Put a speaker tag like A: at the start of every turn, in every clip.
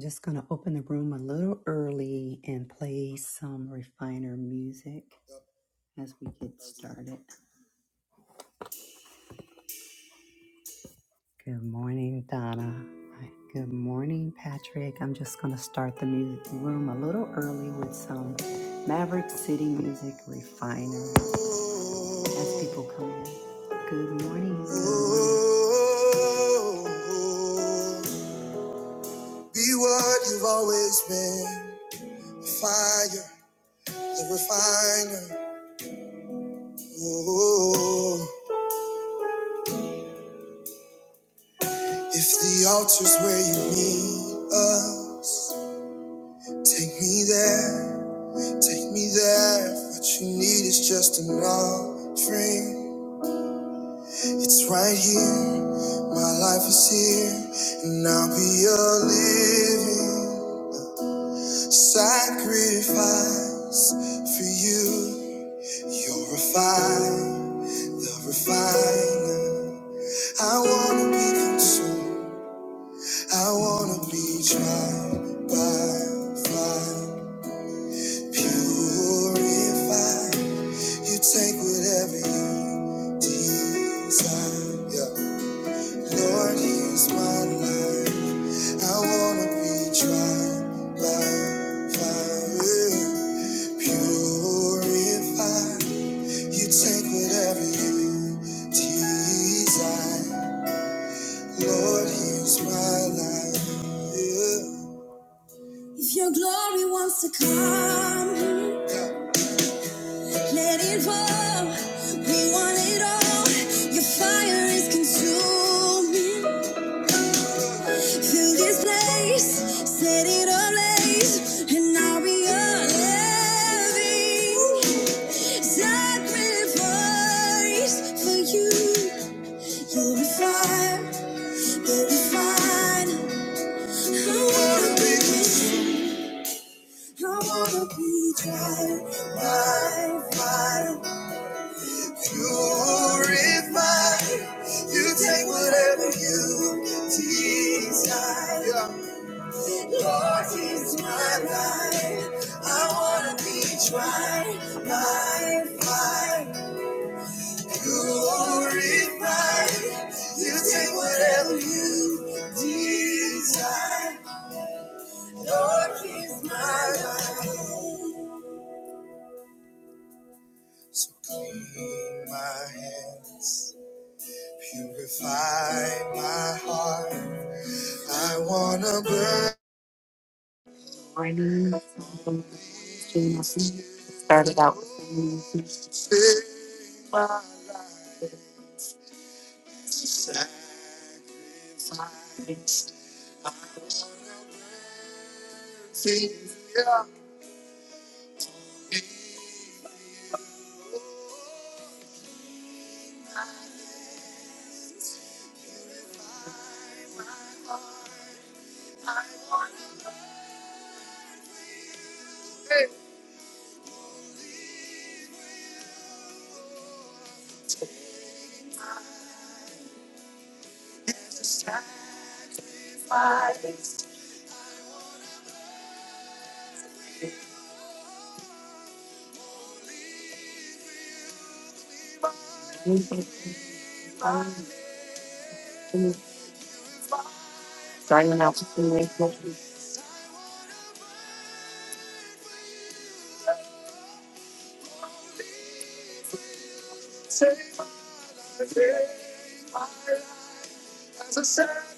A: Just going to open the room a little early and play some refiner music as we get started. Good morning, Donna. Hi. Good morning, Patrick. I'm just going to start the music room a little early with some Maverick City music refiner as people come in. Good morning. Good morning. Be what you've always been. a Fire, the refiner. Oh, if the altar's where you need us, take me there, take me there. If what you need is just an offering, it's right here. My life is here, and I'll be a living sacrifice for you. You're refined, the refiner. I wanna be consumed. I wanna be tried by fire, purified. You take whatever you desire. Yeah. Lord, here's my life. I wanna be tried by fire, purified. You take whatever you desire. Lord, here's my life. Yeah. If your glory wants to come, let it fall. We want it all. Your fire is consuming. Fill this place, set it ablaze, and I'll be a living sacrifice for you. You're a fire, you're a fire. I wanna be, I wanna be tried by fire. Purify, you take whatever you desire. Yeah. Lord, is my life. I wanna be tried by fire. Purify, you take whatever you desire. Lord, is my life. So clean my hands. Purify my heart. I wanna burn with my life. Sacrifice. I wanna see your eyes. Starting out to feel it. Take my faith, my life as a sacrifice.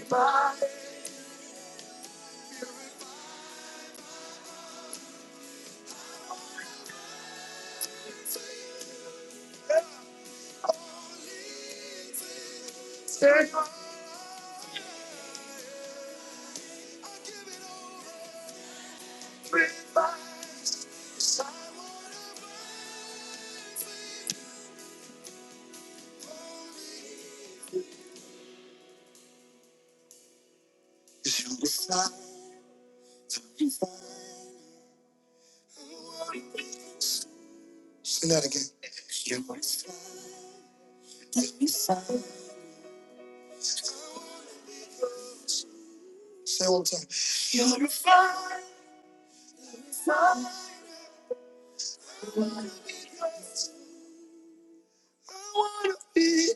A: Sacrifice. Purify. Purify. Sing that again. Your voice. Say it one time. You I want Oh, I wanna be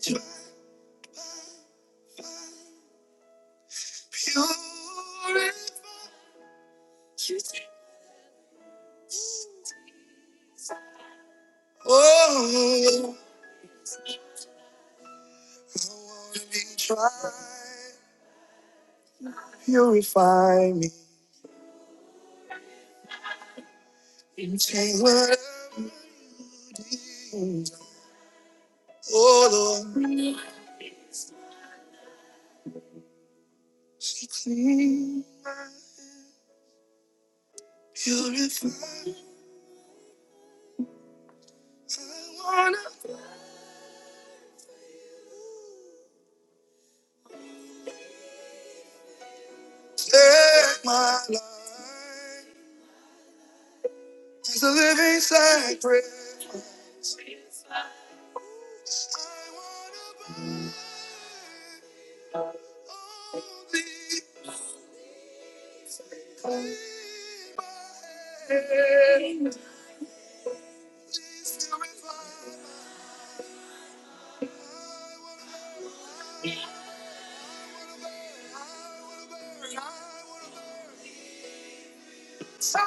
A: tried. Purify me. Take whatever you need. Oh Lord, so clean. my hands. You're if I wanna take my life as a living sacrifice. I wanna burn only clean my head. Please purify my- mind. I wanna burn, I wanna burn, I wanna burn. I wanna burn. Amen.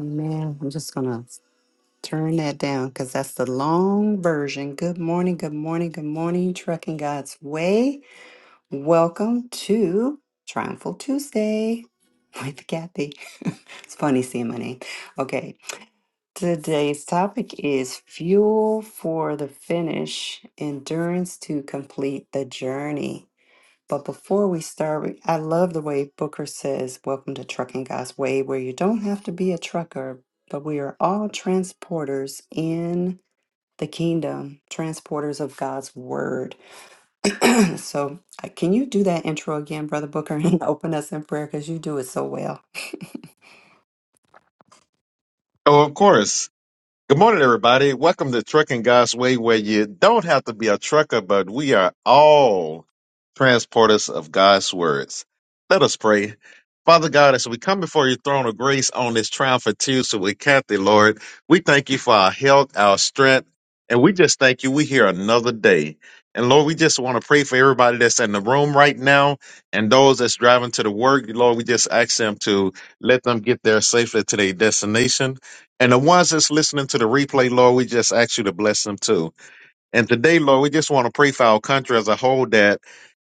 A: Amen. I'm just going to turn that down because that's the long version. Good morning. Good morning. Good morning. Trucking God's Way. Welcome to Triumphal Tuesday with Kathy. it's funny seeing my name. Okay, today's topic is fuel for the finish, endurance to complete the journey. But before we start, we- I love the way Booker says, Welcome to Trucking God's Way, where you don't have to be a trucker, but we are all transporters in the kingdom, transporters of God's word. So, uh, can you do that intro again, Brother Booker, and open us in prayer because you do it so well.
B: Oh, of course. Good morning, everybody. Welcome to Trucking God's Way, where you don't have to be a trucker, but we are all transporters of God's words. Let us pray. Father God, as we come before your throne of grace on this triumphant Tuesday with Kathy, Lord, we thank you for our health, our strength, and we just thank you. We hear another day. And Lord, we just want to pray for everybody that's in the room right now and those that's driving to the work. Lord, we just ask them to let them get there safely to their destination. And the ones that's listening to the replay, Lord, we just ask you to bless them too. And today, Lord, we just want to pray for our country as a whole that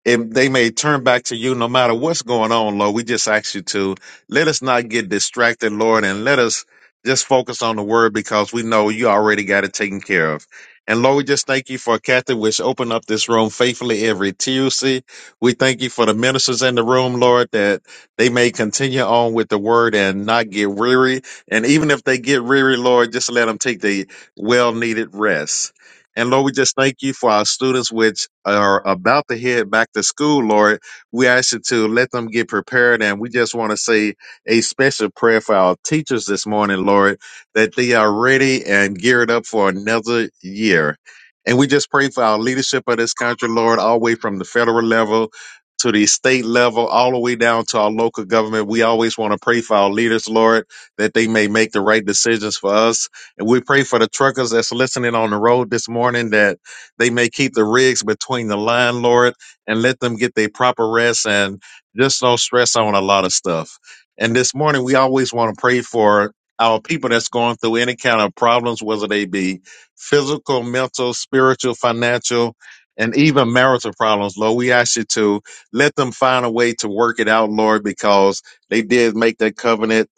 B: if they may turn back to you no matter what's going on, Lord. We just ask you to let us not get distracted, Lord, and let us just focus on the word because we know you already got it taken care of. And Lord, we just thank you for Kathy, which opened up this room faithfully every Tuesday. We thank you for the ministers in the room, Lord, that they may continue on with the word and not get weary. And even if they get weary, Lord, just let them take the well needed rest. And Lord, we just thank you for our students, which are about to head back to school, Lord. We ask you to let them get prepared. And we just want to say a special prayer for our teachers this morning, Lord, that they are ready and geared up for another year. And we just pray for our leadership of this country, Lord, all the way from the federal level to the state level, all the way down to our local government. We always want to pray for our leaders, Lord, that they may make the right decisions for us and we pray for the truckers that's listening on the road this morning that they may keep the rigs between the line, Lord, and let them get their proper rest and just no stress on a lot of stuff. And this morning, we always want to pray for our people that's going through any kind of problems, whether they be physical, mental, spiritual, financial, and even marital problems, Lord. We ask you to let them find a way to work it out, Lord, because they did make that covenant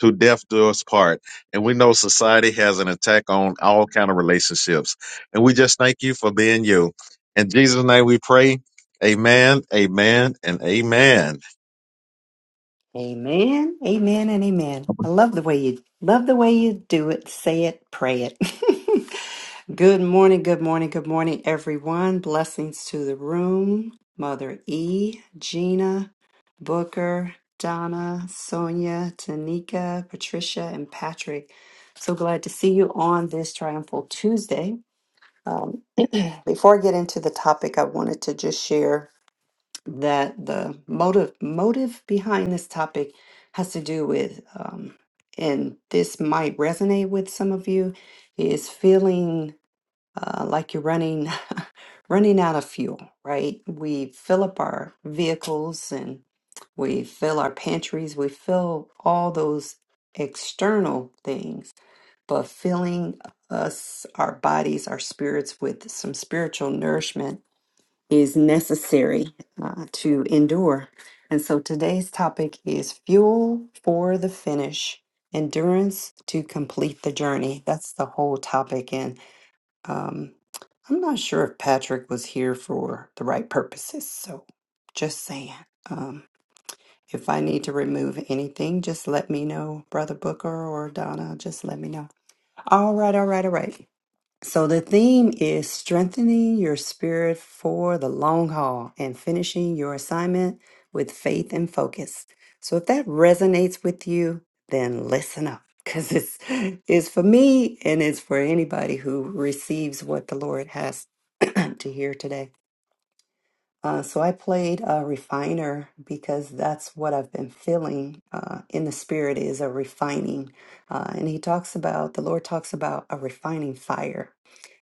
B: to death do us part and we know society has an attack on all kind of relationships and we just thank you for being you in jesus name we pray amen amen and amen
A: Amen, amen, and amen. I love the way you love the way you do it. Say it, pray it. good morning, good morning, good morning, everyone. Blessings to the room, Mother E, Gina, Booker, Donna, Sonia, Tanika, Patricia, and Patrick. So glad to see you on this triumphal Tuesday. Um, before I get into the topic, I wanted to just share that the motive motive behind this topic has to do with, um, and this might resonate with some of you, is feeling uh, like you're running running out of fuel. Right? We fill up our vehicles and we fill our pantries. We fill all those external things but filling us, our bodies, our spirits with some spiritual nourishment is necessary uh, to endure. And so today's topic is fuel for the finish, endurance to complete the journey. That's the whole topic. And um, I'm not sure if Patrick was here for the right purposes. So just saying. Um, if I need to remove anything, just let me know, Brother Booker or Donna, just let me know. All right, all right, all right. So the theme is strengthening your spirit for the long haul and finishing your assignment with faith and focus. So if that resonates with you, then listen up because it's it's for me and it's for anybody who receives what the Lord has to hear today. Uh, so I played a refiner because that's what I've been feeling uh, in the spirit is a refining. Uh, and he talks about, the Lord talks about a refining fire.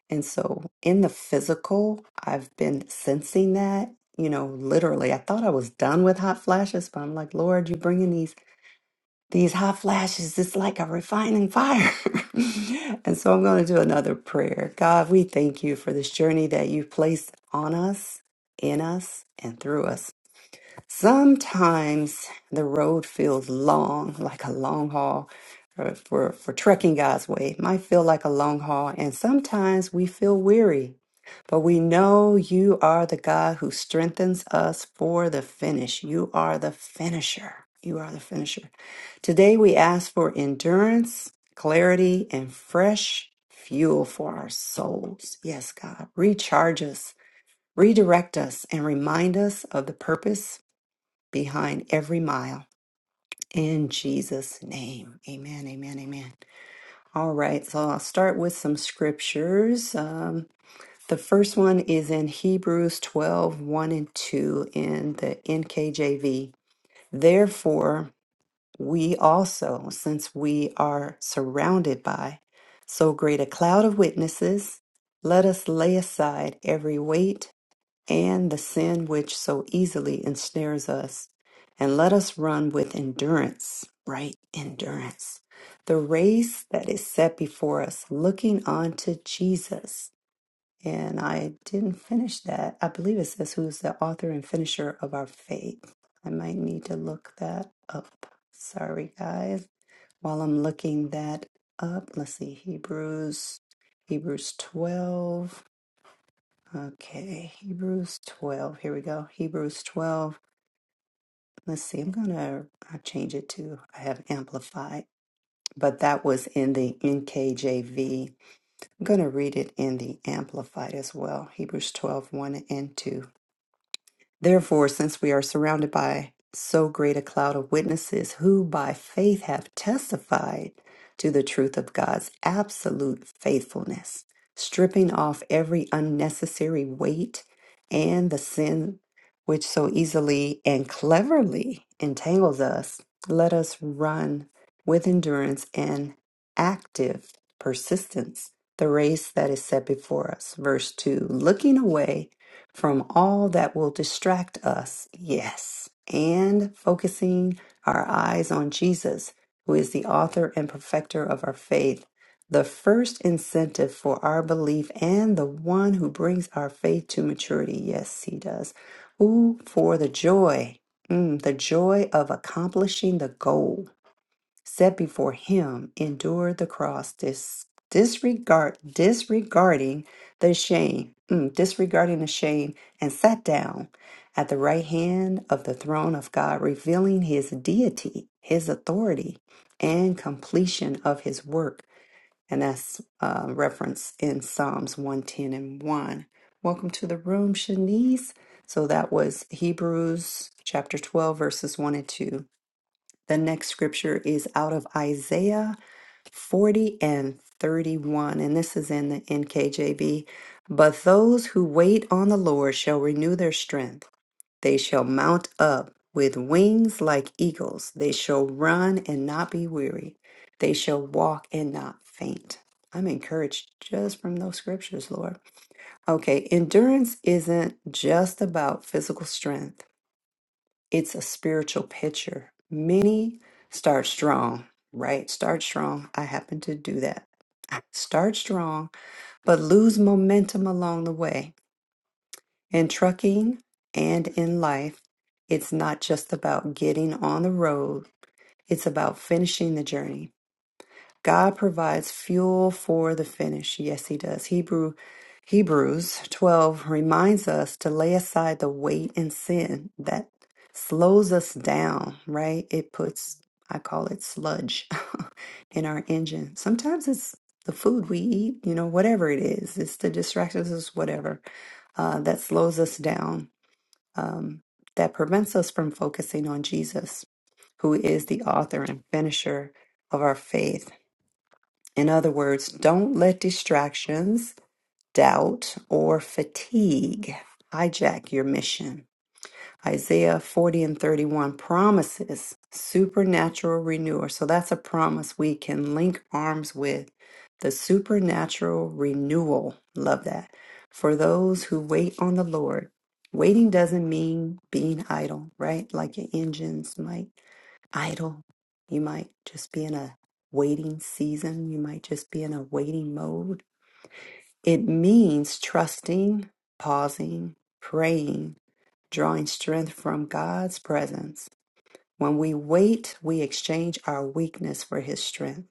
A: And so in the physical, I've been sensing that, you know, literally. I thought I was done with hot flashes, but I'm like, Lord, you're bringing these these hot flashes it's like a refining fire and so i'm going to do another prayer god we thank you for this journey that you've placed on us in us and through us Sometimes the road feels long, like a long haul. For, for, for trekking God's way, it might feel like a long haul, and sometimes we feel weary. But we know you are the God who strengthens us for the finish. You are the finisher. You are the finisher. Today we ask for endurance, clarity, and fresh fuel for our souls. Yes, God, recharge us, redirect us, and remind us of the purpose behind every mile. In Jesus' name. Amen, amen, amen. All right, so I'll start with some scriptures. Um, the first one is in Hebrews twelve one and 2 in the NKJV. Therefore, we also, since we are surrounded by so great a cloud of witnesses, let us lay aside every weight and the sin which so easily ensnares us. And let us run with endurance, right? Endurance. The race that is set before us, looking unto Jesus. And I didn't finish that. I believe it says who's the author and finisher of our faith. I might need to look that up. Sorry, guys. While I'm looking that up, let's see, Hebrews, Hebrews 12. Okay, Hebrews 12. Here we go. Hebrews 12. Let's see. I'm going to I change it to I have amplified, but that was in the NKJV. I'm going to read it in the amplified as well. Hebrews twelve one and 2. Therefore, since we are surrounded by so great a cloud of witnesses who by faith have testified to the truth of God's absolute faithfulness, stripping off every unnecessary weight and the sin which so easily and cleverly entangles us, let us run with endurance and active persistence the race that is set before us. Verse 2 looking away from all that will distract us, yes, and focusing our eyes on Jesus, who is the author and perfecter of our faith, the first incentive for our belief and the one who brings our faith to maturity. Yes, he does. Who for the joy, mm, the joy of accomplishing the goal set before him endured the cross dis- disregard disregarding the shame mm, disregarding the shame and sat down at the right hand of the throne of God revealing his deity his authority and completion of his work and that's uh, reference in Psalms 110 and 1 welcome to the room Shanice so that was Hebrews chapter 12 verses 1 and 2 the next scripture is out of Isaiah 40 and 31, and this is in the NKJV. But those who wait on the Lord shall renew their strength. They shall mount up with wings like eagles. They shall run and not be weary. They shall walk and not faint. I'm encouraged just from those scriptures, Lord. Okay, endurance isn't just about physical strength. It's a spiritual picture. Many start strong, right? Start strong. I happen to do that. I Start strong, but lose momentum along the way. In trucking and in life, it's not just about getting on the road, it's about finishing the journey God provides fuel for the finish. Yes, he does. Hebrew Hebrews 12 reminds us to lay aside the weight and sin that slows us down, right? It puts I call it sludge in our engine. Sometimes it's the food we eat, you know, whatever it is. It's the distractions, it's whatever uh, that slows us down, um, that prevents us from focusing on Jesus, who is the author and finisher of our faith. In other words, don't let distractions, doubt, or fatigue hijack your mission. Isaiah 40 and 31 promises supernatural renewal. So that's a promise we can link arms with. The supernatural renewal. Love that. For those who wait on the Lord. Waiting doesn't mean being idle, right? Like your engines might idle. You might just be in a waiting season. You might just be in a waiting mode. It means trusting, pausing, praying, drawing strength from God's presence. When we wait, we exchange our weakness for His strength.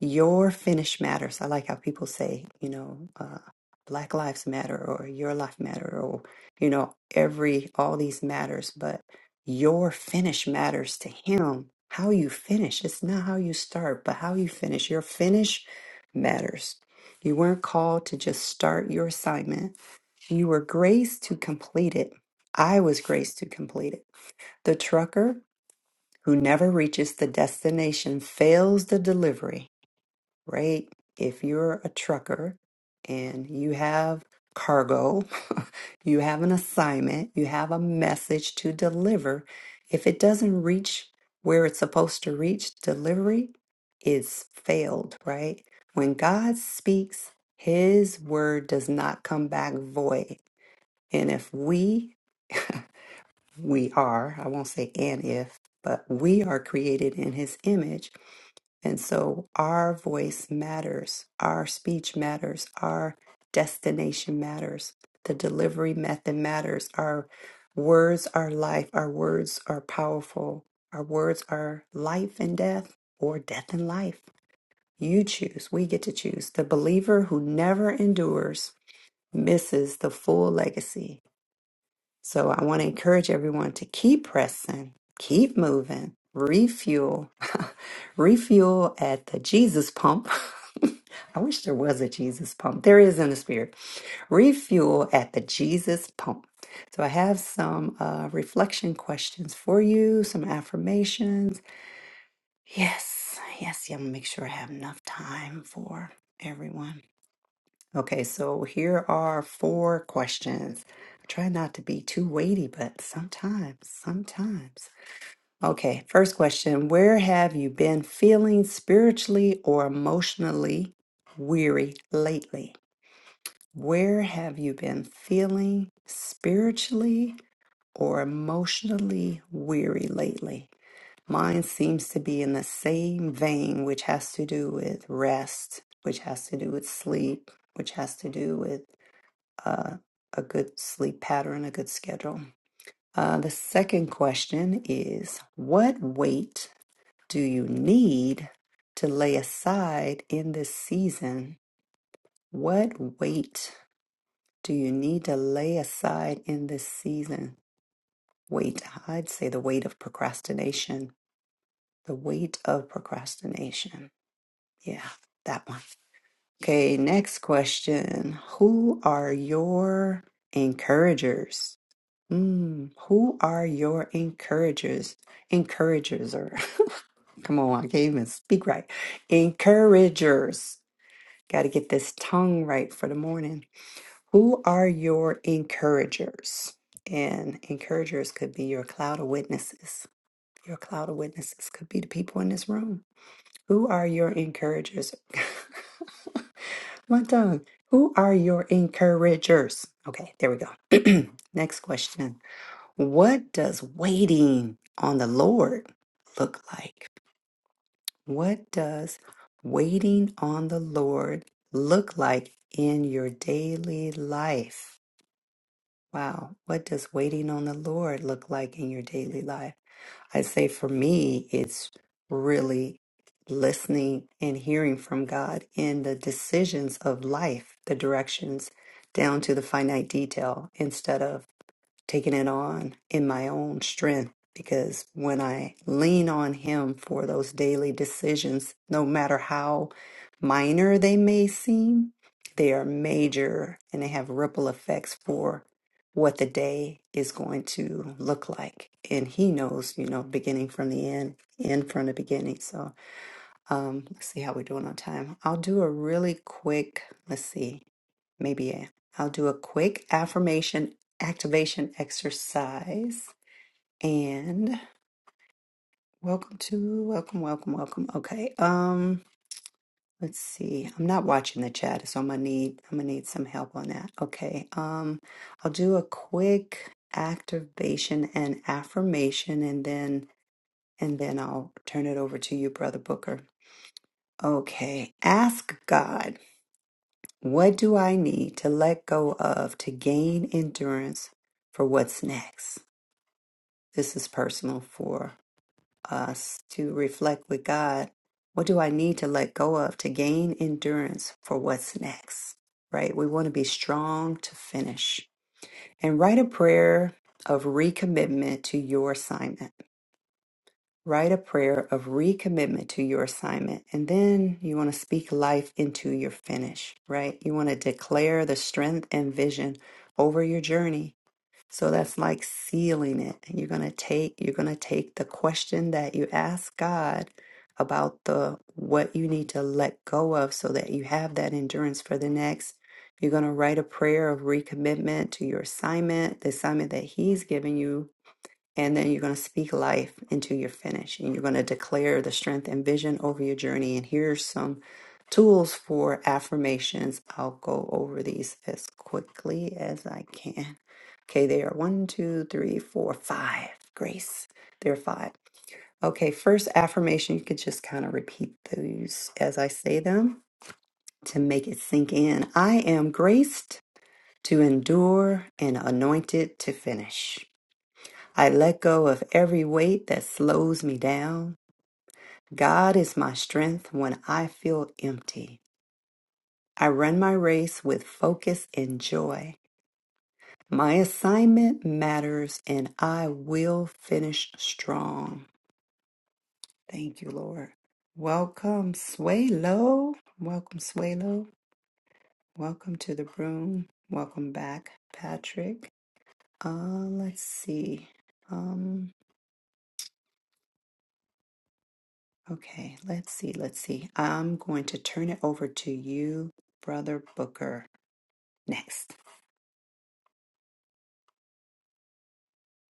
A: Your finish matters. I like how people say, you know, uh, Black Lives Matter or Your Life Matter or, you know, every, all these matters, but your finish matters to Him. How you finish, it's not how you start, but how you finish. Your finish matters. You weren't called to just start your assignment, you were graced to complete it. I was graced to complete it. The trucker who never reaches the destination fails the delivery right? If you're a trucker and you have cargo, you have an assignment, you have a message to deliver, if it doesn't reach where it's supposed to reach, delivery is failed, right? When God speaks, his word does not come back void. And if we, we are, I won't say and if, but we are created in his image and so our voice matters, our speech matters, our destination matters, the delivery method matters. Our words are life, our words are powerful, our words are life and death, or death and life. You choose, we get to choose. The believer who never endures misses the full legacy so I want to encourage everyone to keep pressing, keep moving, refuel, refuel at the Jesus pump. I wish there was a Jesus pump. There is in the spirit. Refuel at the Jesus pump. So I have some uh, reflection questions for you, some affirmations. Yes, yes, yeah, I'm gonna make sure I have enough time for everyone. Okay, so here are four questions. Try not to be too weighty, but sometimes, sometimes. Okay, first question Where have you been feeling spiritually or emotionally weary lately? Where have you been feeling spiritually or emotionally weary lately? Mine seems to be in the same vein, which has to do with rest, which has to do with sleep, which has to do with uh, a good sleep pattern, a good schedule. Uh, the second question is What weight do you need to lay aside in this season? What weight do you need to lay aside in this season? Weight, I'd say the weight of procrastination. The weight of procrastination. Yeah, that one. Okay, next question. Who are your encouragers? Mm, who are your encouragers? Encouragers, or come on, I can't even speak right. Encouragers. Got to get this tongue right for the morning. Who are your encouragers? And encouragers could be your cloud of witnesses. Your cloud of witnesses could be the people in this room. Who are your encouragers? My tongue. Who are your encouragers? Okay, there we go. Next question. What does waiting on the Lord look like? What does waiting on the Lord look like in your daily life? Wow. What does waiting on the Lord look like in your daily life? I say for me, it's really listening and hearing from God in the decisions of life, the directions down to the finite detail instead of taking it on in my own strength because when I lean on Him for those daily decisions, no matter how minor they may seem, they are major and they have ripple effects for what the day is going to look like. And He knows, you know, beginning from the end, end from the beginning. So um, let's see how we're doing on time. I'll do a really quick, let's see, maybe a, I'll do a quick affirmation activation exercise. And welcome to, welcome, welcome, welcome. Okay. Um, let's see. I'm not watching the chat, so I'm gonna need I'm gonna need some help on that. Okay. Um, I'll do a quick activation and affirmation and then and then I'll turn it over to you, Brother Booker. Okay. Ask God. What do I need to let go of to gain endurance for what's next? This is personal for us to reflect with God. What do I need to let go of to gain endurance for what's next? Right? We want to be strong to finish and write a prayer of recommitment to your assignment. Write a prayer of recommitment to your assignment. And then you want to speak life into your finish, right? You want to declare the strength and vision over your journey. So that's like sealing it. And you're going to take you're going to take the question that you ask God about the what you need to let go of so that you have that endurance for the next. You're going to write a prayer of recommitment to your assignment, the assignment that he's given you and then you're going to speak life into your finish, And you're going to declare the strength and vision over your journey. And here's some tools for affirmations. I'll go over these as quickly as I can. Okay, they are one, two, three, four, five. Grace, there are five. Okay, first affirmation, you could just kind of repeat those as I say them to make it sink in. I am graced to endure and anointed to finish. I let go of every weight that slows me down. God is my strength when I feel empty. I run my race with focus and joy. My assignment matters and I will finish strong. Thank you, Lord. Welcome, Swalo. Welcome, Swalo. Welcome to the room. Welcome back, Patrick. Uh, let's see. Um, Okay, let's see, let's see. I'm going to turn it over to you, Brother Booker, next.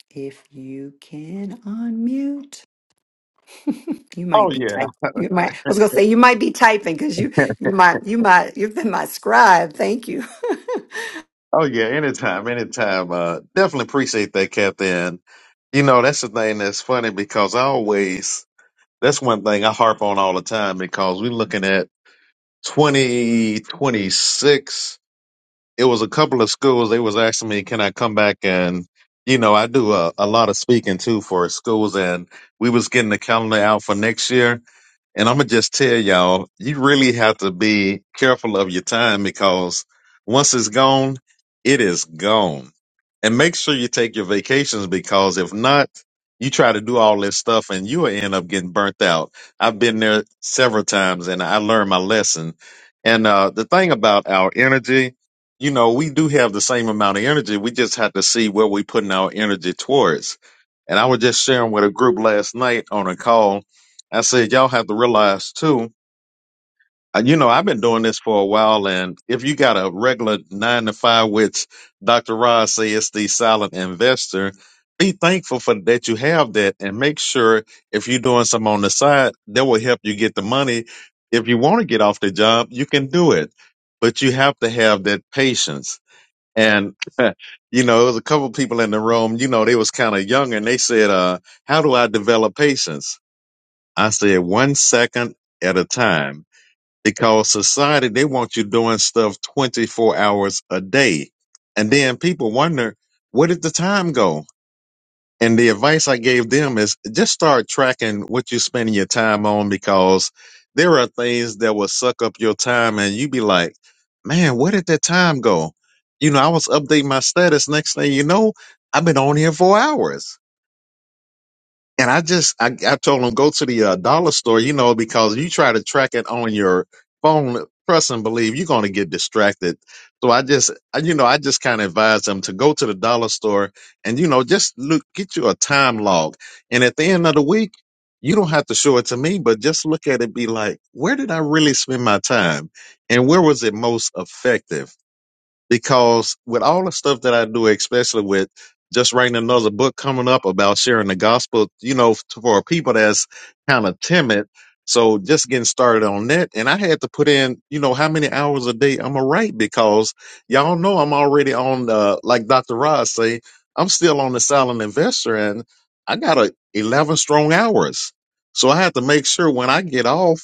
A: If you can unmute. you
B: oh
A: might be
B: yeah
A: typing. You might I was gonna say you might be typing because you you might you might you've been my scribe. Thank you.
B: oh yeah anytime anytime uh definitely appreciate that kathy and you know that's the thing that's funny because i always that's one thing i harp on all the time because we're looking at 2026 it was a couple of schools they was asking me can i come back and you know i do a, a lot of speaking too for schools and we was getting the calendar out for next year and I'm gonna just tell y'all, you really have to be careful of your time because once it's gone, it is gone. And make sure you take your vacations because if not, you try to do all this stuff and you will end up getting burnt out. I've been there several times and I learned my lesson. And uh, the thing about our energy, you know, we do have the same amount of energy. We just have to see where we're putting our energy towards and I was just sharing with a group last night on a call. I said, y'all have to realize too, uh, you know, I've been doing this for a while. And if you got a regular nine to five, which Dr. Ross says the silent investor, be thankful for that you have that and make sure if you're doing some on the side, that will help you get the money. If you want to get off the job, you can do it, but you have to have that patience and you know, it was a couple people in the room. You know, they was kind of young, and they said, uh, "How do I develop patience?" I said, "One second at a time," because society they want you doing stuff twenty four hours a day, and then people wonder where did the time go and the advice I gave them is just start tracking what you're spending your time on because there are things that will suck up your time and you be like, man, where did that time go? You know, I was updating my status. Next thing you know, I've been on here for hours and I just I, I told him go to the uh, dollar store, you know, because you try to track it on your phone, trust and believe you're going to get distracted. So I just I, you know I just kind of advised him to go to the dollar store and you know just look get you a time log, and at the end of the week you don't have to show it to me, but just look at it, be like, where did I really spend my time, and where was it most effective? because with all the stuff that I do, especially with just writing another book coming up about sharing the gospel, you know, for people that's kind of timid. So just getting started on that. And I had to put in, you know, how many hours a day I'm going to write because y'all know I'm already on, uh, like Dr. Ross say, I'm still on the silent investor and I got a 11 strong hours. So I have to make sure when I get off.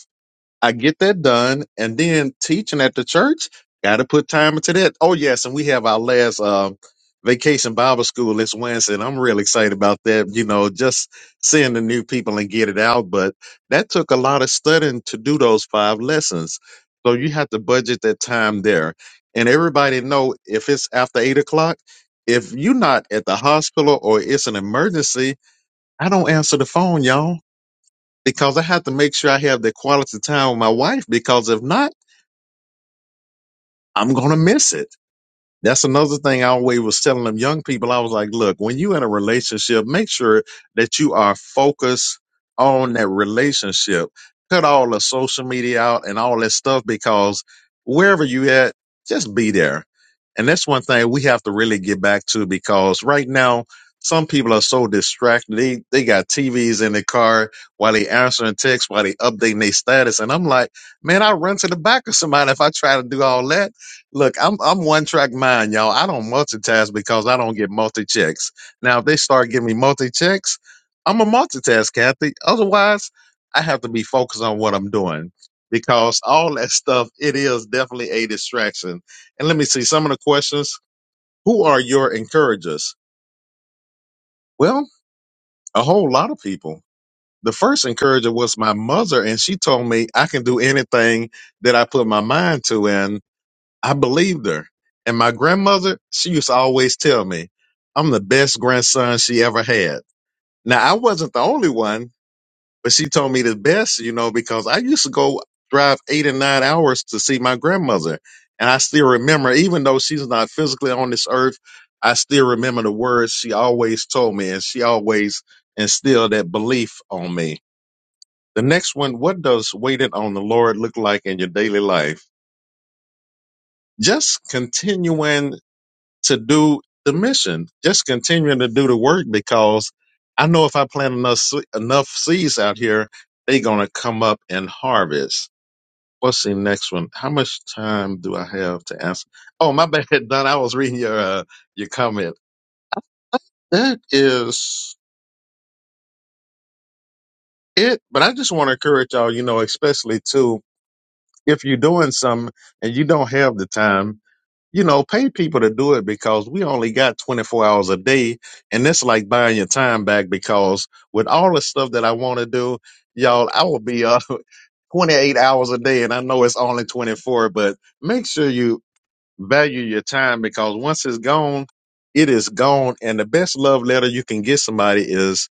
B: I get that done, and then teaching at the church, got to put time into that. Oh yes, and we have our last um, vacation Bible school this Wednesday, and I'm really excited about that. You know, just seeing the new people and get it out, but that took a lot of studying to do those five lessons. So you have to budget that time there, and everybody know if it's after eight o'clock. If you're not at the hospital or it's an emergency, I don't answer the phone, y'all because I have to make sure I have the quality time with my wife because if not, I'm going to miss it. That's another thing I always was telling them young people. I was like, look, when you in a relationship, make sure that you are focused on that relationship. Cut all the social media out and all that stuff because wherever you at, just be there. And that's one thing we have to really get back to because right now, some people are so distracted. They, they got TVs in the car while they answering texts, while they updating their status. And I'm like, man, I run to the back of somebody if I try to do all that Look, I'm I'm one track mind, y'all. I don't multitask because I don't get multi checks. Now, if they start giving me multi checks, I'm a multitask, Kathy. Otherwise, I have to be focused on what I'm doing because all that stuff it is definitely a distraction. And let me see some of the questions. Who are your encouragers? Well, a whole lot of people. The first encourager was my mother, and she told me I can do anything that I put my mind to. and I believed her. And my grandmother, she used to always tell me, I'm the best grandson she ever had. Now, I wasn't the only one, but she told me the best, you know, because I used to go drive eight and nine hours to see my grandmother. And I still remember, even though she's not physically on this earth, I still remember the words she always told me, and she always instilled that belief on me. The next one, what does waiting on the Lord look like in your daily life? Just continuing to do the mission, just continuing to do the work because I know if I plant enough se- enough seeds out here, they're gonna come up and harvest. What's the next one? How much time do I have to answer? Oh, my bad, Don. I was reading your uh, your comment. That is it. But I just want to encourage y'all. You know, especially too, if you're doing something and you don't have the time, you know, pay people to do it because we only got 24 hours a day. And it's like buying your time back because with all the stuff that I want to do, y'all, I will be up 28 hours a day. And I know it's only 24, but make sure you value your time because once it's gone, it is gone. And the best love letter you can get somebody is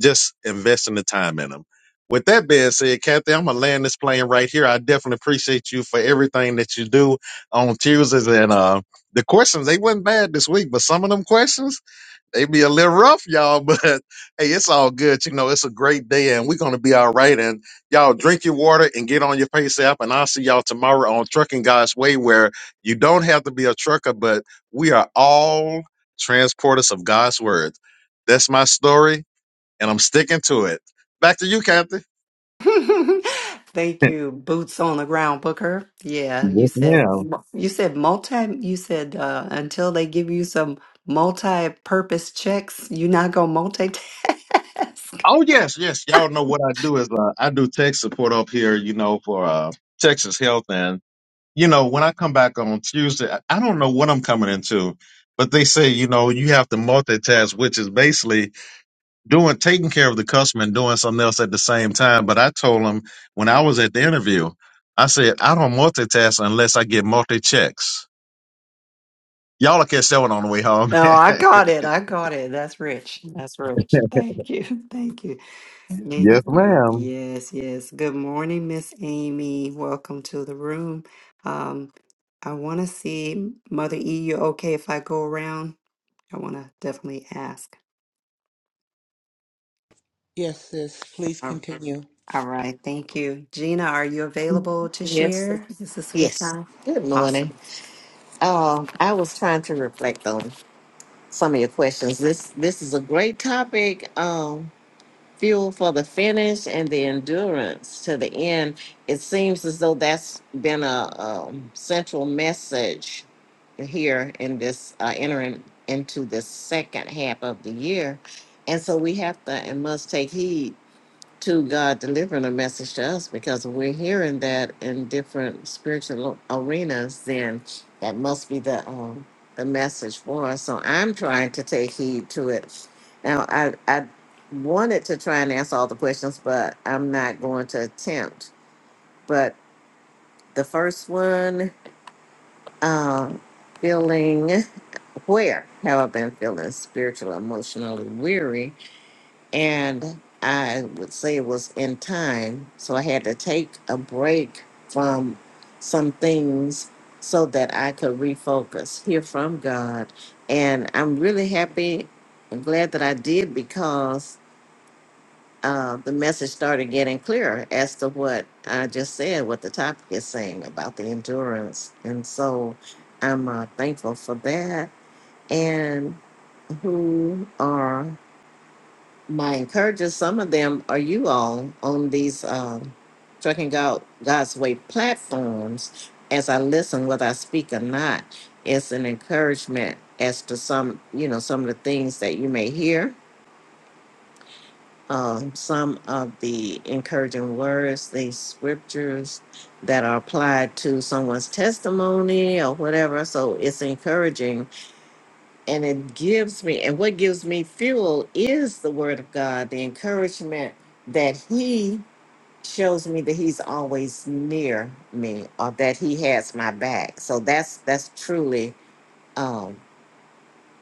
B: just investing the time in them. With that being said, Kathy, I'm gonna land this plane right here. I definitely appreciate you for everything that you do on Tuesdays and uh the questions they wasn't bad this week, but some of them questions they be a little rough, y'all. But hey, it's all good. You know, it's a great day and we're gonna be all right. And y'all drink your water and get on your pace app. And I'll see y'all tomorrow on Trucking God's Way, where you don't have to be a trucker, but we are all transporters of God's word. That's my story and I'm sticking to it. Back to you, Captain.
A: Thank you, boots on the ground, Booker. Yeah, you
B: Yes,
A: said
B: ma'am.
A: you said multi you said uh until they give you some multi-purpose checks, you're not gonna multitask.
B: Oh yes, yes. Y'all know what I do is uh, I do tech support up here, you know, for uh, Texas Health, and you know when I come back on Tuesday, I I don't know what I'm coming into, but they say you know you have to multitask, which is basically doing taking care of the customer and doing something else at the same time. But I told them when I was at the interview, I said I don't multitask unless I get multi checks. Y'all will catch that one on the way home.
A: No, I got it. I got it. That's rich. That's rich. Thank you. Thank you. Yes,
B: Yes,
A: ma'am.
B: ma'am.
A: yes. yes. Good morning, Miss Amy. Welcome to the room. Um, I want to see Mother E. You okay if I go around? I want to definitely ask.
C: Yes, sis. Please
A: All
C: continue.
A: all right. Thank you, Gina. Are you available to
D: Yes.
A: share? Is this a good
D: Yes.
A: time?
D: Good morning.
A: Awesome.
D: Um, I was trying to reflect on some of your questions. This this is a great topic. Um, fuel for the finish and the endurance to the end. It seems as though that's been a um, central message here in this uh, entering into the second half of the year, and so we have to and must take heed to God delivering a message to us because if we're hearing that in different spiritual arenas, then that must be the um, the message for us. So I'm trying to take heed to it. Now I I wanted to try and answer all the questions, but I'm not going to attempt. But the first one, um, feeling where have I been feeling spiritually, emotionally weary? and I would say it was in time. So I had to take a break from some things so that I could refocus, hear from God. And I'm really happy and glad that I did because uh, the message started getting clearer as to what I just said, what the topic is saying about the endurance. And so I'm uh, thankful for that. And who are my encouragers. some of them are you all on these um, Trucking God, God's Way platforms. As I listen, whether I speak or not, it's an encouragement as to some, you know, some of the things that you may hear, um, some of the encouraging words, these scriptures that are applied to someone's testimony or whatever. So it's encouraging and it gives me and what gives me fuel is the word of god the encouragement that he shows me that he's always near me or that he has my back so that's that's truly um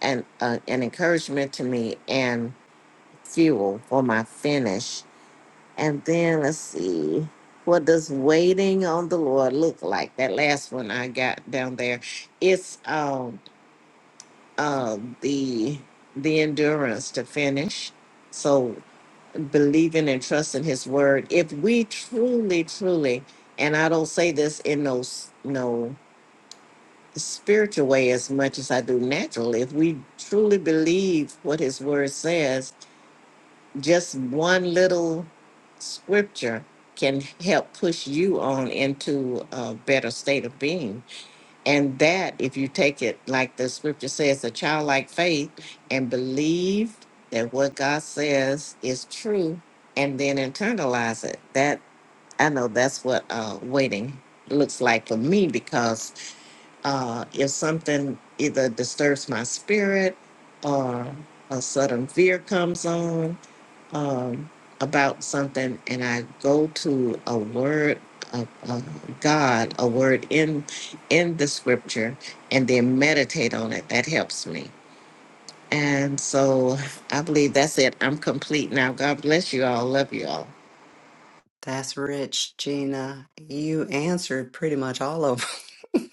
D: an uh, an encouragement to me and fuel for my finish and then let's see what does waiting on the lord look like that last one i got down there it's um um, the the endurance to finish. So believing and trusting His word. If we truly, truly, and I don't say this in no s- no spiritual way as much as I do natural. If we truly believe what His word says, just one little scripture can help push you on into a better state of being and that, if you take it like the scripture says, a childlike faith and believe that what God says is true and then internalize it. That I know that's what uh, waiting looks like for me because uh, if something either disturbs my spirit or a sudden fear comes on um, about something and I go to a word of uh, God, a word in in the scripture, and then meditate on it, that helps me. And so I believe that's it. I'm complete now. God bless you all. Love you all.
A: That's rich, Gina. You answered pretty much all of them.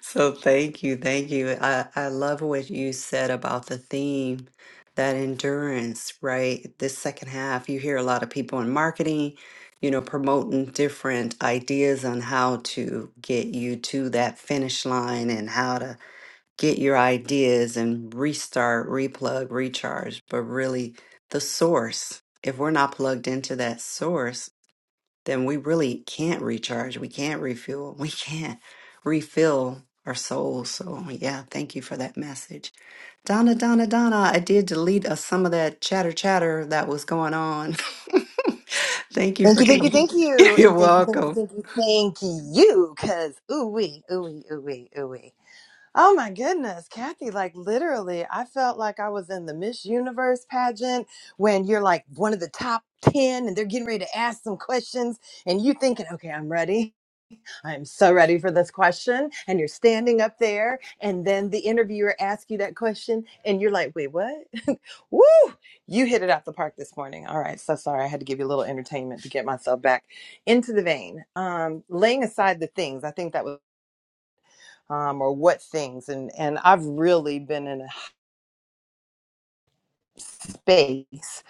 A: So thank you, thank you. I, I love what you said about the theme, that endurance, right? This second half, you hear a lot of people in marketing, you know, promoting different ideas on how to get you to that finish line and how to get your ideas and restart, replug, recharge, but really the source. If we're not plugged into that source, then we really can't recharge. We can't refuel. We can't refill our souls. So, yeah, thank you for that message. Donna, Donna, Donna, I did delete uh, some of that chatter chatter that was going on. thank you
E: Thank
A: for
E: you, thank you,
A: coming.
E: thank you,
A: You're
E: and thank you, thank you,
A: welcome.
E: thank you, thank you, because ooh wee, ooh wee, ooh wee, ooh wee. Oh my goodness, Kathy, like literally, I felt like I was in the Miss Universe pageant when you're like one of the top 10 and they're getting ready to ask some questions and you thinking, okay, I'm ready. I'm so ready for this question. And you're standing up there, and then the interviewer asks you that question, and you're like, wait, what? Woo! You hit it out the park this morning. All right, so sorry. I had to give you a little entertainment to get myself back into the vein. Um, laying aside the things, I think that was, um, or what things, and, and I've really been in a space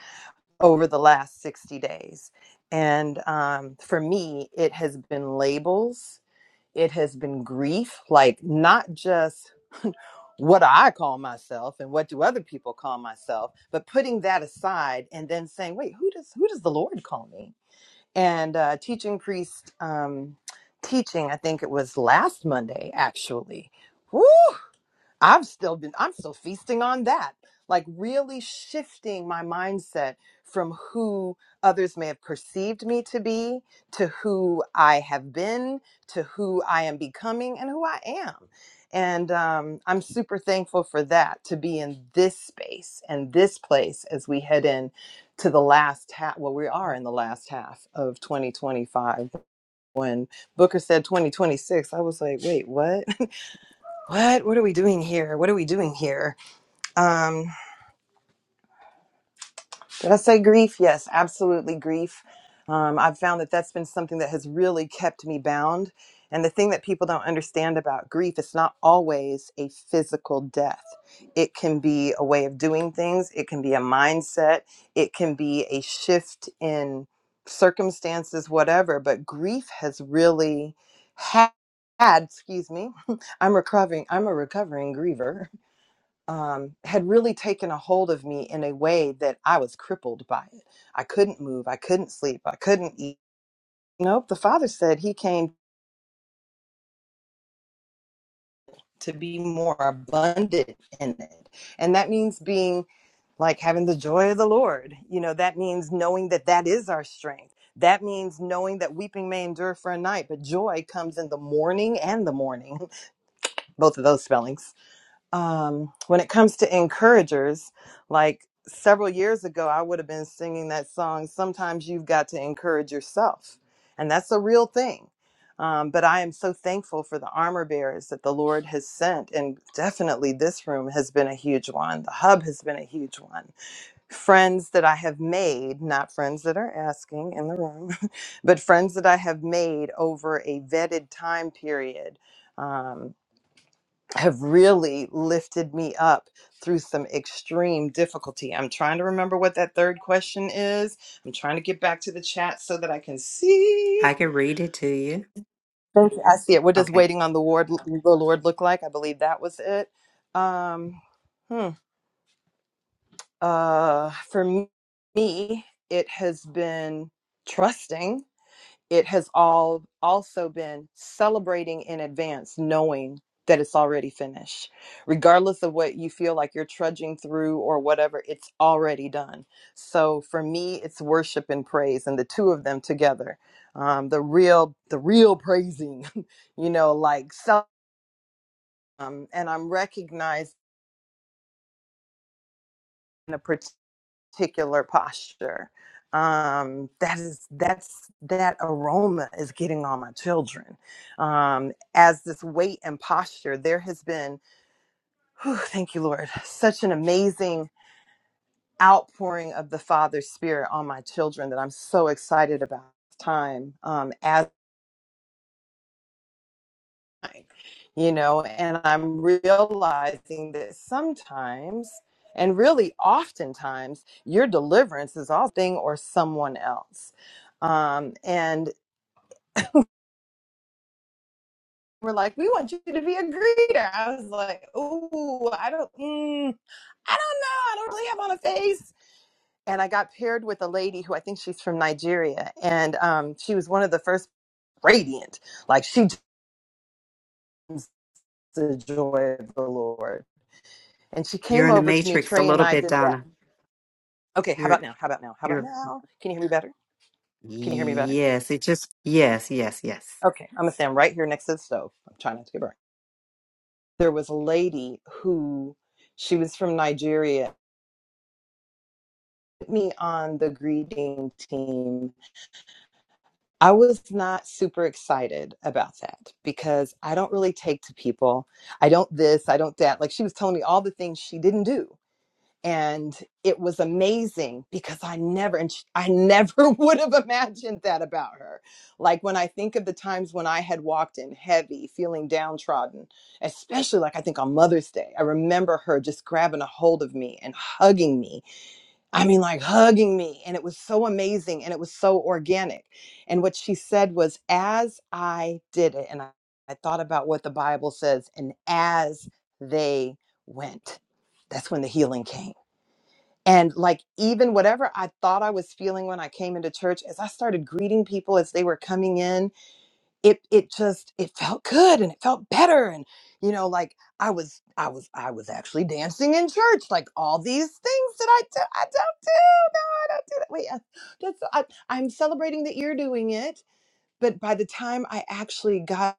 E: over the last 60 days. And um, for me, it has been labels It has been grief, like not just what I call myself and what do other people call myself, but putting that aside and then saying, wait, who does who does the Lord call me? And uh, teaching priest um, teaching, I think it was last Monday actually. Woo! I've still been, I'm still feasting on that. Like, really shifting my mindset from who others may have perceived me to be to who I have been, to who I am becoming, and who I am. And um, I'm super thankful for that to be in this space and this place as we head in to the last half. Well, we are in the last half of 2025. When Booker said 2026, I was like, wait, what? what what are we doing here what are we doing here um did i say grief yes absolutely grief um, i've found that that's been something that has really kept me bound and the thing that people don't understand about grief it's not always a physical death it can be a way of doing things it can be a mindset it can be a shift in circumstances whatever but grief has really had, had excuse me i'm recovering i'm a recovering griever um, had really taken a hold of me in a way that I was crippled by it. I couldn't move. I couldn't sleep. I couldn't eat. Nope. The father said he came to be more abundant in it. And that means being like having the joy of the Lord. You know, that means knowing that that is our strength. That means knowing that weeping may endure for a night, but joy comes in the morning and the morning, both of those spellings um, when it comes to encouragers, like several years ago, I would have been singing that song, Sometimes You've Got to Encourage Yourself. And that's a real thing. Um, but I am so thankful for the armor bearers that the Lord has sent. And definitely this room has been a huge one. The hub has been a huge one. Friends that I have made, not friends that are asking in the room, but friends that I have made over a vetted time period. Um, have really lifted me up through some extreme difficulty. I'm trying to remember what that third question is. I'm trying to get back to the chat so that I can see.
A: Yeah.
E: Thank you. I see it. What does waiting on the Lord, the Lord look like? I believe that was it. Um, hmm. uh, for me, it has been trusting it has all also been celebrating in advance knowing that it's already finished regardless of what you feel like you're trudging through or whatever it's already done so for me it's worship and praise and the two of them together um, the real the real praising you know like so um, and i'm recognized in a particular particular posture um that is that's that aroma is getting on my children um as this weight and posture there has been whew, thank you lord such an amazing outpouring of the father's spirit on my children that i'm so excited about this time Um, as you know, and I'm realizing that sometimes and really oftentimes your deliverance is all thing or someone else. Um, and we're like, we want you to be a greeter. I was like, oh, I don't, mm, I don't know. I don't really have on a face. And I got paired with a lady who I think she's from Nigeria. And um, she was one of the first radiant. Like she just the joy of the Lord And she
A: You're
E: came
A: in the
E: over to me.
A: matrix a
E: Trey and
A: little
E: I
A: bit,
E: did that.
A: Donna.
E: Okay, how about
A: You're
E: now? How about now? How about now? Can you hear me better? Can you hear me better?
A: Yes, it just, yes, yes, yes.
E: Okay, I'm gonna stand right here next to the stove. I'm trying not to get burned. There was a lady who she was from Nigeria. Put me on the greeting team. I was not super excited about that because I don't really take to people. I don't this. I don't that. Like she was telling me all the things she didn't do and it was amazing because I never and sh- I never would have imagined that about her. Like when I think of the times when I had walked in heavy, feeling downtrodden, especially like I think on Mother's Day, I remember her just grabbing a hold of me and hugging me. I mean like hugging me and it was so amazing and it was so organic. And what she said was as I did it and I, I thought about what the Bible says and as they went. That's when the healing came and like, even whatever I thought I was feeling when I came into church, as I started greeting people as they were coming in, it, it just, it felt good and it felt better. And, you know, like I was, I was, I was actually dancing in church, like all these things that I do, I don't do, I don't do that. Wait, I, that's, I, I'm celebrating that you're doing it. But by the time I actually got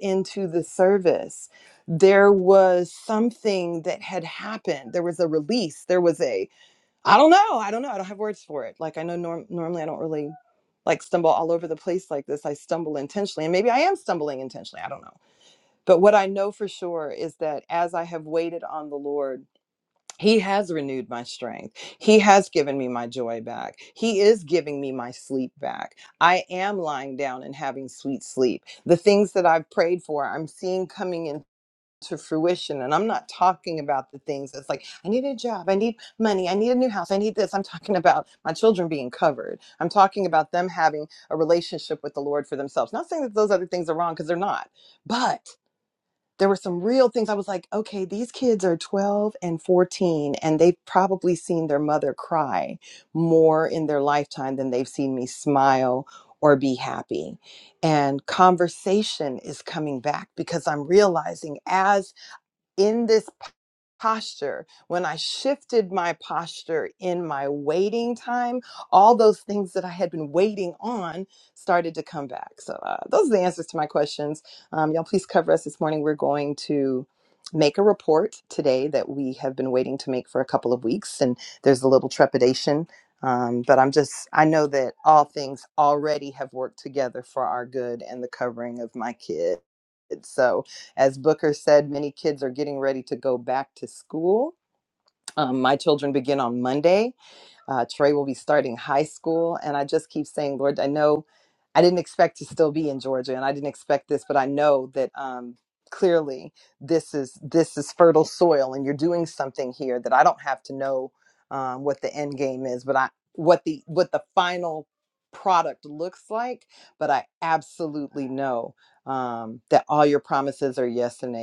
E: into the service, there was something that had happened. There was a release. There was a, I don't know. I don't know. I don't have words for it. Like I know norm- normally I don't really like stumble all over the place like this. I stumble intentionally and maybe I am stumbling intentionally. I don't know. But what I know for sure is that as I have waited on the Lord, he has renewed my strength. He has given me my joy back. He is giving me my sleep back. I am lying down and having sweet sleep. The things that I've prayed for, I'm seeing coming in to fruition. And I'm not talking about the things that's like, I need a job, I need money, I need a new house, I need this. I'm talking about my children being covered. I'm talking about them having a relationship with the Lord for themselves. Not saying that those other things are wrong because they're not, but there were some real things I was like, okay, these kids are 12 and 14, and they've probably seen their mother cry more in their lifetime than they've seen me smile or be happy. And conversation is coming back because I'm realizing as in this posture, when I shifted my posture in my waiting time, all those things that I had been waiting on started to come back. So, uh, those are the answers to my questions. Um, y'all, please cover us this morning. We're going to make a report today that we have been waiting to make for a couple of weeks, and there's a little trepidation. Um, but I'm just, I know that all things already have worked together for our good and the covering of my kid. As Booker said, many kids are getting ready to go back to school. Um, my children begin on Monday. Uh, Trey will be starting high school. And I just keep saying, Lord, I know I didn't expect to still be in Georgia and I didn't expect this, but I know that um, clearly this is this is fertile soil and you're doing something here that I don't have to know um, what the end game is, but I what the what the final product looks like, but I absolutely know um, that all your promises are yes and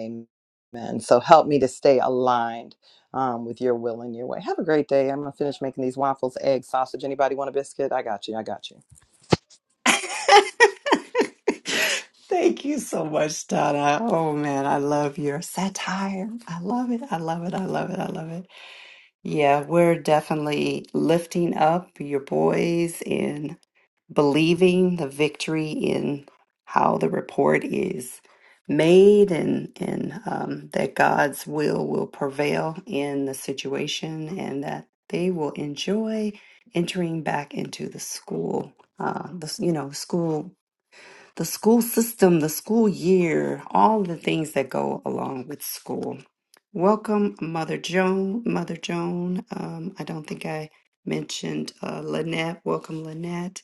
E: amen. So help me to stay aligned um, with your will and your way. Have a great day. I'm gonna finish making these waffles, eggs, sausage. Anybody want a biscuit? I got you. I got you.
A: Thank you so much, Donna. Oh man, I love your satire. I love it. I love it. I love it. I love it. Yeah, we're definitely lifting up your boys and believing the victory in how the report is made and and um, that God's will will prevail in the situation and that they will enjoy entering back into the school. Uh, the, s- you know, school the school system, the school year, all the things that go along with school. Welcome, Mother Joan. Mother Joan, um, I don't think I mentioned uh, Lynette. Welcome, Lynette.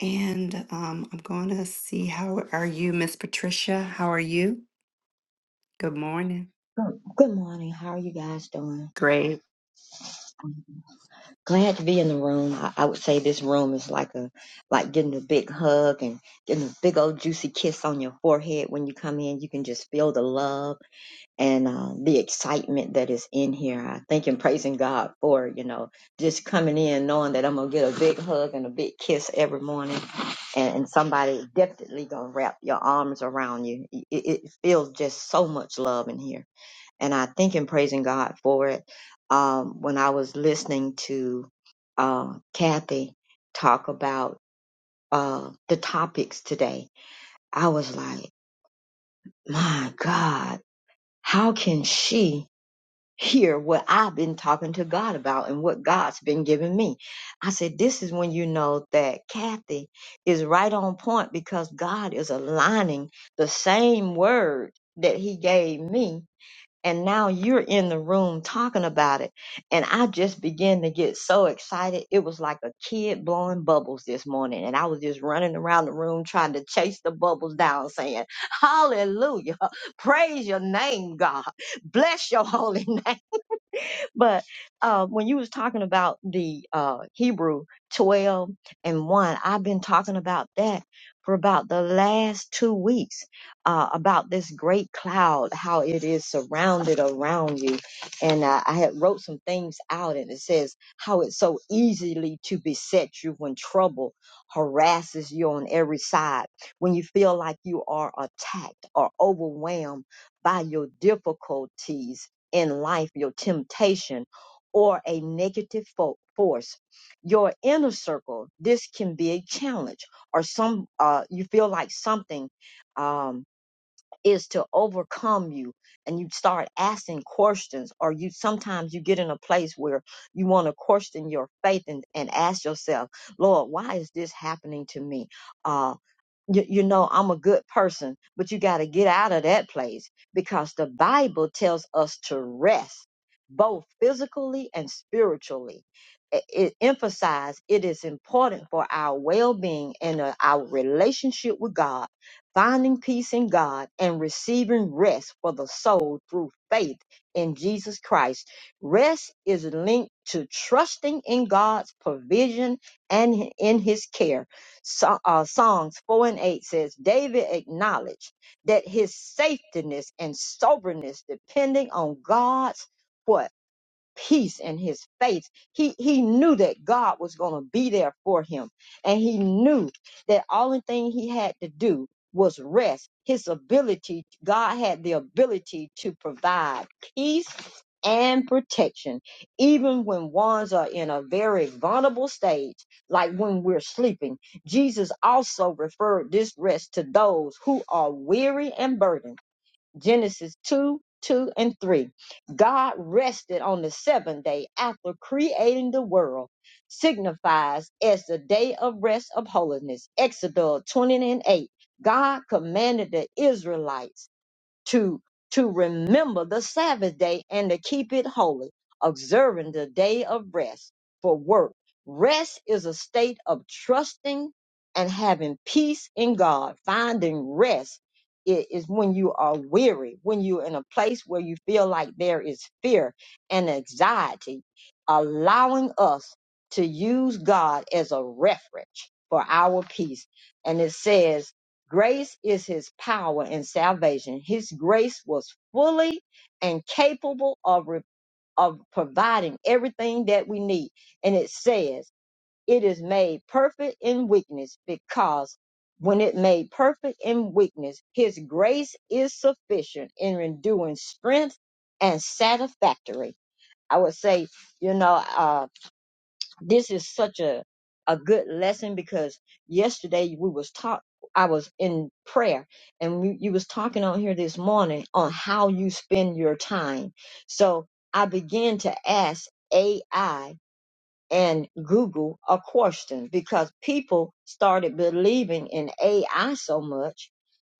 A: And um, I'm going to see how are you, Miss Patricia? How are you? Good morning.
F: Oh, Good morning. How are you guys doing?
A: Great.
F: I'm glad to be in the room. I, I would say this room is like a like getting a big hug and getting a big old juicy kiss on your forehead when you come in. You can just feel the love and uh, the excitement that is in here. I thank and praising God for you know just coming in, knowing that I'm gonna get a big hug and a big kiss every morning, and, and somebody definitely gonna wrap your arms around you. It, it it feels just so much love in here and I think in praising God for it. Um, when I was listening to uh, Kathy talk about uh, the topics today, I was like, my God, how can she hear what I've been talking to God about and what God's been giving me? I said, this is when you know that Kathy is right on point because God is aligning the same word that he gave me and now you're in the room talking about it and i just began to get so excited it was like a kid blowing bubbles this morning and i was just running around the room trying to chase the bubbles down saying hallelujah praise your name god bless your holy name but uh, when you was talking about the uh, Hebrew 12 and 1, I've been talking about that for about the last two weeks uh, about this great cloud, how it is surrounded around you. And uh, I had wrote some things out and it says how it's so easily to beset you when trouble harasses you on every side, when you feel like you are attacked or overwhelmed by your difficulties in life, your temptation, or a negative fo- force. Your inner circle, this can be a challenge, or some uh, you feel like something um, is to overcome you, and you start asking questions, or you sometimes you get in a place where you want to question your faith and, and ask yourself, Lord, why is this happening to me? Uh, you, you know i'm a good person but you got to get out of that place because the bible tells us to rest both physically and spiritually it, it emphasized it is important for our well-being and uh, our relationship with god finding peace in god and receiving rest for the soul through faith in jesus christ rest is linked to trusting in god's provision and in his care so, uh, Psalms 4 and 8 says, David acknowledged that his safetyness and soberness depending on God's what? peace in his face. He he knew that God was going to be there for him, and he knew that only thing he had to do was rest. His ability, God had the ability to provide peace and protection, even when ones are in a very vulnerable stage, like when we're sleeping. Jesus also referred this rest to those who are weary and burdened Genesis 2 2 and 3. God rested on the seventh day after creating the world, signifies as the day of rest of holiness. Exodus 20 and 8. God commanded the Israelites to to remember the Sabbath day and to keep it holy, observing the day of rest for work. Rest is a state of trusting and having peace in God. Finding rest i- is when you are weary, when you're in a place where you feel like there is fear and anxiety, allowing us to use God as a reference for our peace. And it says Grace is his power and salvation. His grace was fully and capable of, re- of providing everything that we need. And it says, it is made perfect in weakness because when it made perfect in weakness, his grace is sufficient in renewing strength and satisfactory. I would say, you know, uh this is such a a good lesson because yesterday we was taught I was in prayer and we, you was talking on here this morning on how you spend your time. So I began to ask AI and Google a question because people started believing in AI so much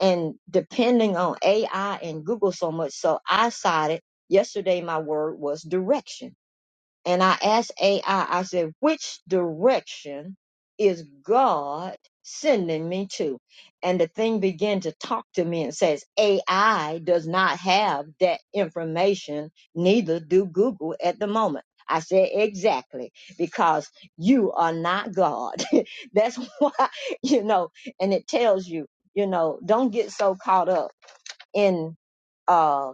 F: and depending on AI and Google so much. So I decided yesterday my word was direction. And I asked AI, I I said, which direction is God sending me to? And the thing began to talk to me and says, AI does not have that information, neither do Google at the moment. I said, exactly, because you are not God. That's why, you know, and it tells you, you know, don't get so caught up in uh,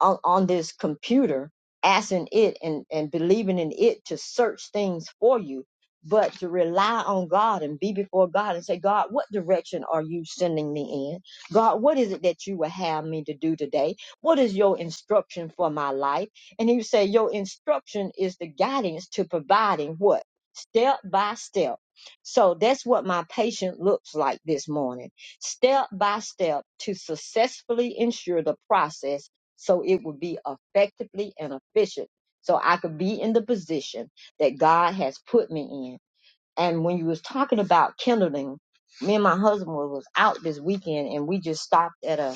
F: on, on this computer, asking it and, and believing in it to search things for you, but to rely on God and be before God and say, God, what direction are you sending me in? God, what is it that you will have me to do today? What is your instruction for my life? And he would say, Your instruction is the guidance to providing what? Step by step. So that's what my patient looks like this morning step by step to successfully ensure the process so it would be effectively and efficient so I could be in the position that God has put me in. And when you was talking about kindling, me and my husband was out this weekend and we just stopped at a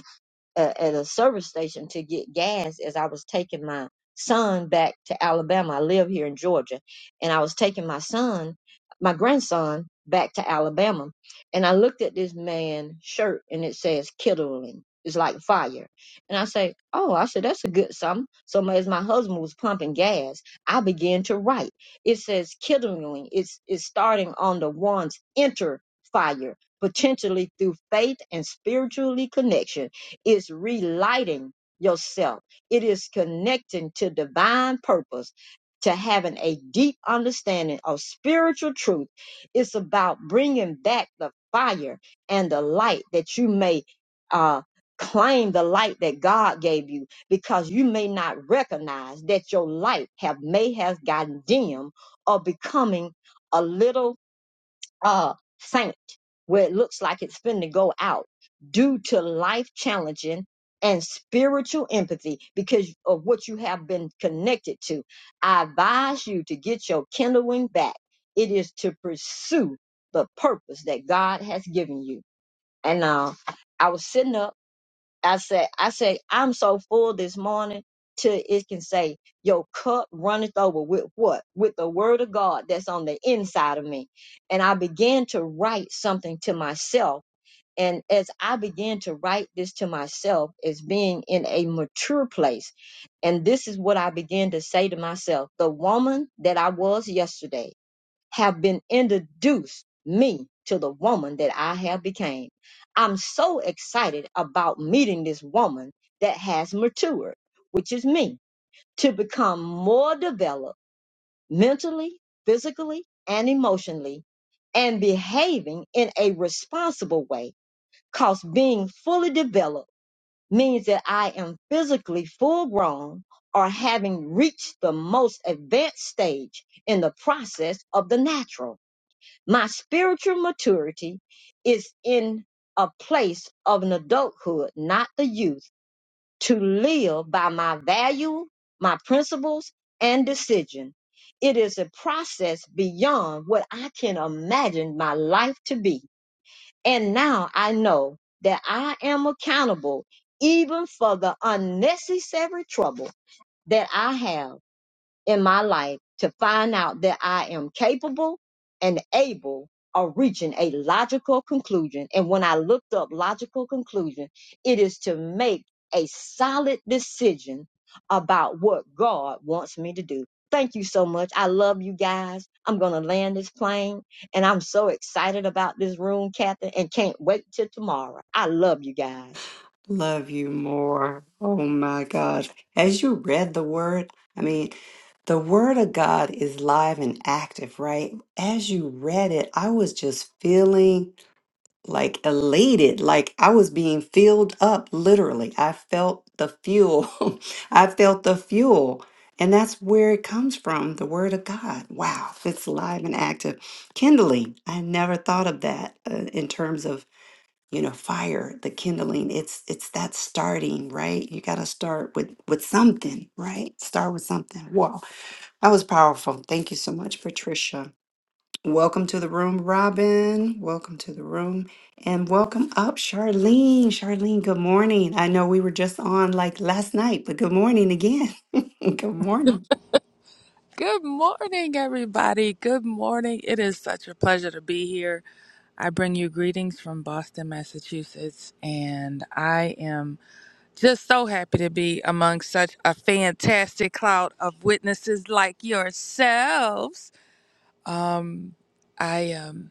F: a, at a service station to get gas as I was taking my son back to Alabama. I live here in Georgia, and I was taking my son, my grandson, back to Alabama, and I looked at this man's shirt, and it says "Kindling." It's like fire, and I say, "Oh, I said that's a good something." So as my husband was pumping gas, I began to write. It says "Kindling." It's it's starting on the one's enter fire, potentially through faith and spiritually connection is relighting yourself. It is connecting to divine purpose, to having a deep understanding of spiritual truth. It's about bringing back the fire and the light that you may uh, claim the light that God gave you because you may not recognize that your light have may have gotten dim or becoming a little uh, faint, where it looks like it's finna go out due to life challenging and spiritual empathy because of what you have been connected to. I advise you to get your kindling back. It is to pursue the purpose that God has given you. And uh, I was sitting up I said, I said, I'm so full this morning till it can say, Your cup runneth over with what? With the word of God that's on the inside of me. And I began to write something to myself. And as I began to write this to myself as being in a mature place, and this is what I began to say to myself the woman that I was yesterday have been introduced me to the woman that I have became. I'm so excited about meeting this woman that has matured, which is me, to become more developed mentally, physically, and emotionally, and behaving in a responsible way. Cause being fully developed means that I am physically full grown or having reached the most advanced stage in the process of the natural my spiritual maturity is in a place of an adulthood, not the youth, to live by my value, my principles, and decision. It is a process beyond what I can imagine my life to be. And now I know that I am accountable even for the unnecessary trouble that I have in my life to find out that I am capable and able of reaching a logical conclusion. And when I looked up logical conclusion, it is to make a solid decision about what God wants me to do. Thank you so much. I love you guys. I'm going to land this plane and I'm so excited about this room, Catherine, and can't wait till tomorrow. I love you guys.
A: love you more. Oh my gosh. As you read the word, I mean, the word of God is live and active, right? As you read it, I was just feeling like elated, like I was being filled up literally. I felt the fuel. I felt the fuel. And that's where it comes from, the word of God. Wow, it's live and active. Kindling, I never thought of that uh, in terms of you know fire the kindling it's it's that starting right you got to start with with something right start with something wow that was powerful thank you so much patricia welcome to the room robin welcome to the room and welcome up charlene charlene good morning i know we were just on like last night but good morning again good morning
G: Good morning, everybody. Good morning. It is such a pleasure to be here. I bring you greetings from Boston, Massachusetts, and I am just so happy to be among such a fantastic cloud of witnesses like yourselves. Um, I um,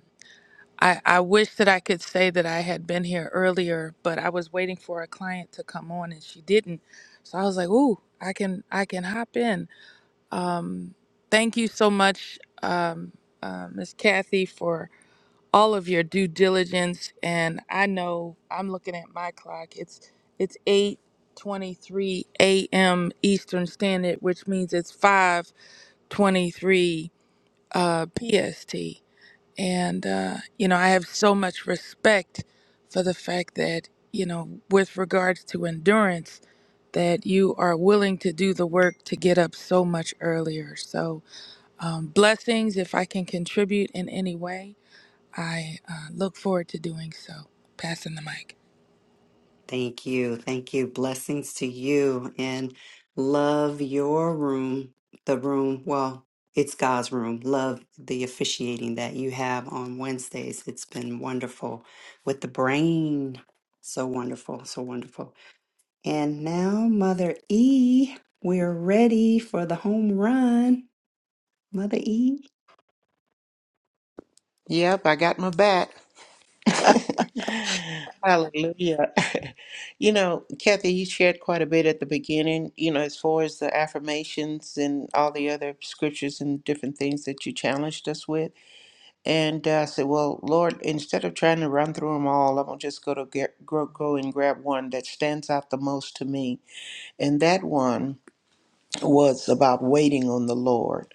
G: I, I wish that I could say that I had been here earlier, but I was waiting for a client to come on, and she didn't. So I was like, "Ooh, I can I can hop in." Um, thank you so much, um, uh, Miss Kathy, for all of your due diligence. And I know I'm looking at my clock. It's it's eight twenty three a.m. Eastern Standard, which means it's five twenty three uh, PST. And uh, you know, I have so much respect for the fact that you know, with regards to endurance, that you are willing to do the work to get up so much earlier. So um, blessings. If I can contribute in any way, I uh, look forward to doing so. Passing the mic.
A: Thank you. Thank you. Blessings to you and love your room, the room. Well, it's God's room. Love the officiating that you have on Wednesdays. It's been wonderful with the brain. So wonderful. So wonderful. And now, Mother E, we're ready for the home run. Mother E.
C: Yep, I got my back. Hallelujah. you know, Kathy, you shared quite a bit at the beginning, you know, as far as the affirmations and all the other scriptures and different things that you challenged us with. And uh, I said, well, Lord, instead of trying to run through them all, I'm going to just go to get, go, go and grab one that stands out the most to me. And that one was about waiting on the Lord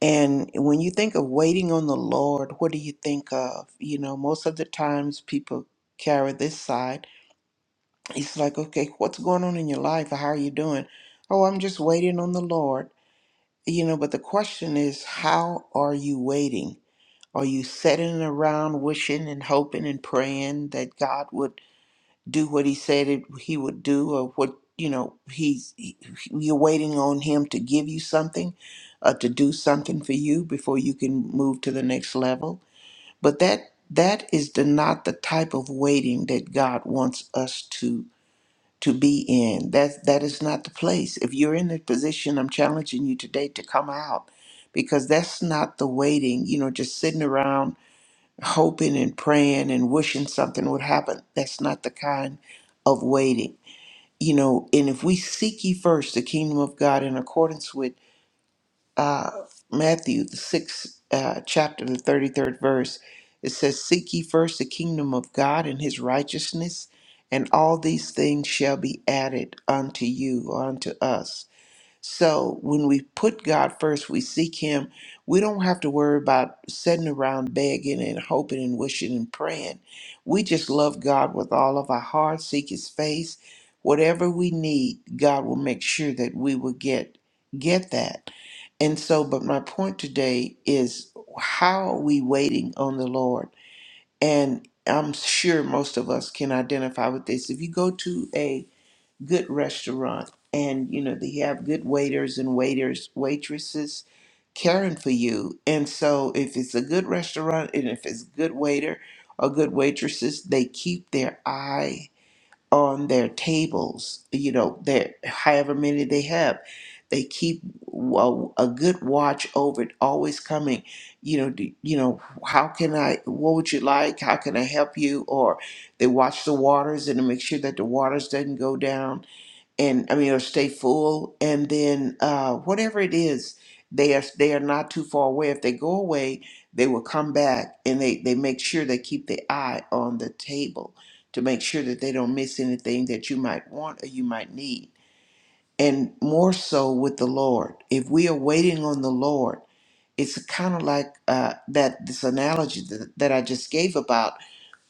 C: And when you think of waiting on the Lord, what do you think of? You know, most of the times people carry this side. It's like, okay, what's going on in your life? How are you doing? Oh, I'm just waiting on the Lord. You know, but the question is, how are you waiting? Are you sitting around wishing and hoping and praying that God would? do what he said it, he would do or what you know he's he, you're waiting on him to give you something uh, to do something for you before you can move to the next level but that that is the, not the type of waiting that god wants us to to be in that that is not the place if you're in the position i'm challenging you today to come out because that's not the waiting you know just sitting around hoping and praying and wishing something would happen. That's not the kind of waiting. You know, and if we seek ye first the kingdom of God in accordance with uh, Matthew, the sixth uh, chapter, the 33rd verse, it says, Seek ye first the kingdom of God and his righteousness, and all these things shall be added unto you or unto us so when we put God first, we seek Him, we don't have to worry about sitting around begging and hoping and wishing and praying. We just love God with all of our heart, seek His face. Whatever we need, God will make sure that we will get get that. And so, but my point today is how are we waiting on the Lord? And I'm sure most of us can identify with this. If you go to a good restaurant and you know they have good waiters and waiters waitresses caring for you and so if it's a good restaurant and if it's good waiter or good waitresses they keep their eye on their tables you know their however many they have they keep a, a good watch over it always coming you know do, you know how can i what would you like how can i help you or they watch the waters and to make sure that the waters doesn't go down and I mean, or stay full, and then uh, whatever it is, they are they are not too far away. If they go away, they will come back, and they they make sure they keep the eye on the table to make sure that they don't miss anything that you might want or you might need. And more so with the Lord, if we are waiting on the Lord, it's kind of like uh, that this analogy that, that I just gave about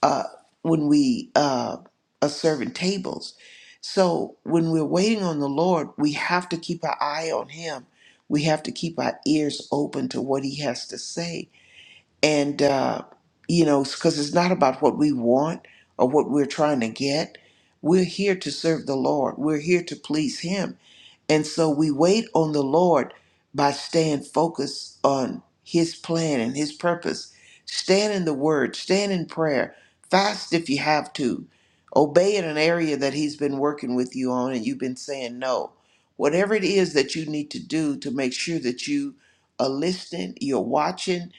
C: uh, when we uh, are serving tables. So when we're waiting on the Lord, we have to keep our eye on Him. We have to keep our ears open to what He has to say. And, uh, you know, because it's not about what we want or what we're trying to get. We're here to serve the Lord, we're here to please Him. And so we wait on the Lord by staying focused on His plan and His purpose. Stand in the Word, stand in prayer, fast if you have to. Obey in an area that He's been working with you on and you've been saying no. Whatever it is that you need to do to make sure that you are listening, you're watching,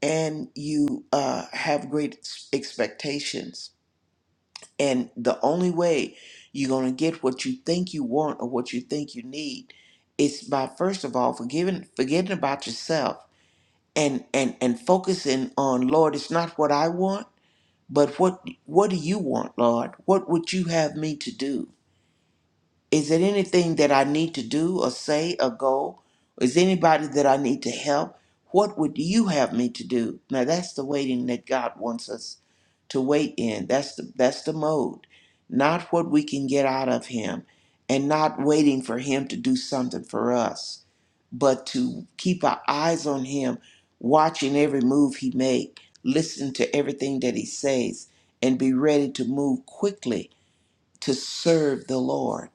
C: and you uh, have great expectations. And the only way you're going to get what you think you want or what you think you need is by first of all forgiving forgetting about yourself and and and focusing on Lord, it's not what I want, but what what do you want, Lord? What would you have me to do? Is there anything that I need to do or say or go? Is there anybody that I need to help? What would you have me to do? Now that's the waiting that God wants us to wait in. That's the that's the mode. Not what we can get out of him and not waiting for him to do something for us, but to keep our eyes on him, watching every move he make, listen to everything that he says and be ready to move quickly to serve the Lord.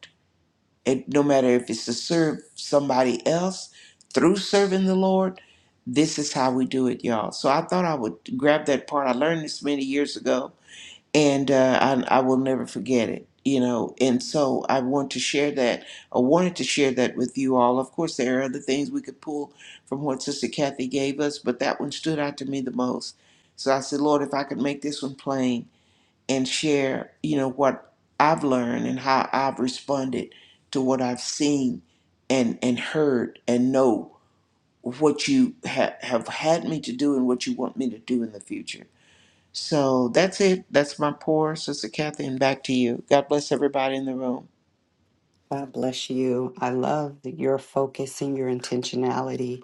C: And no matter if it's to serve somebody else through serving the Lord, this is how we do it, y'all. So I thought I would grab that part. I learned this many years ago, and uh, I, I will never forget it. You know, and so I want to share that. I wanted to share that with you all. Of course, there are other things we could pull from what Sister Kathy gave us, but that one stood out to me the most. So I said, Lord, if I could make this one plain, and share, you know, what I've learned and how I've responded to what I've seen and and heard and know what you ha- have had me to do and what you want me to do in the future. So that's it. That's my pour, Sister Kathy, and back to you. God bless everybody in the room.
A: God bless you. I love that your focus and your intentionality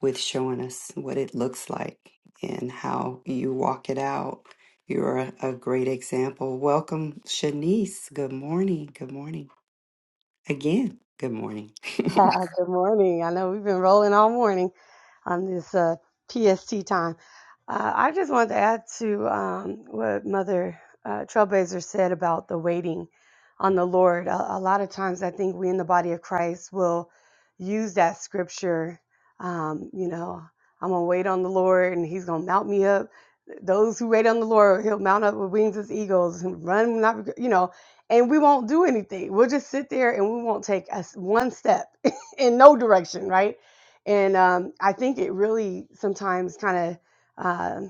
A: with showing us what it looks like and how you walk it out. You're a, a great example. Welcome, Shanice. Good morning. Good morning. Again, good morning.
H: Good morning. I know we've been rolling all morning on this uh, PST time. Uh, I just wanted to add to um, what Mother uh, Trailblazer said about the waiting on the Lord. A, a lot of times, I think we in the body of Christ will use that scripture. Um, you know, I'm gonna wait on the Lord, and He's gonna mount me up. Those who wait on the Lord, He'll mount up with wings as eagles and run, not you know. And we won't do anything. We'll just sit there and we won't take us one step in no direction, right? And um, I think it really sometimes kind of. uh,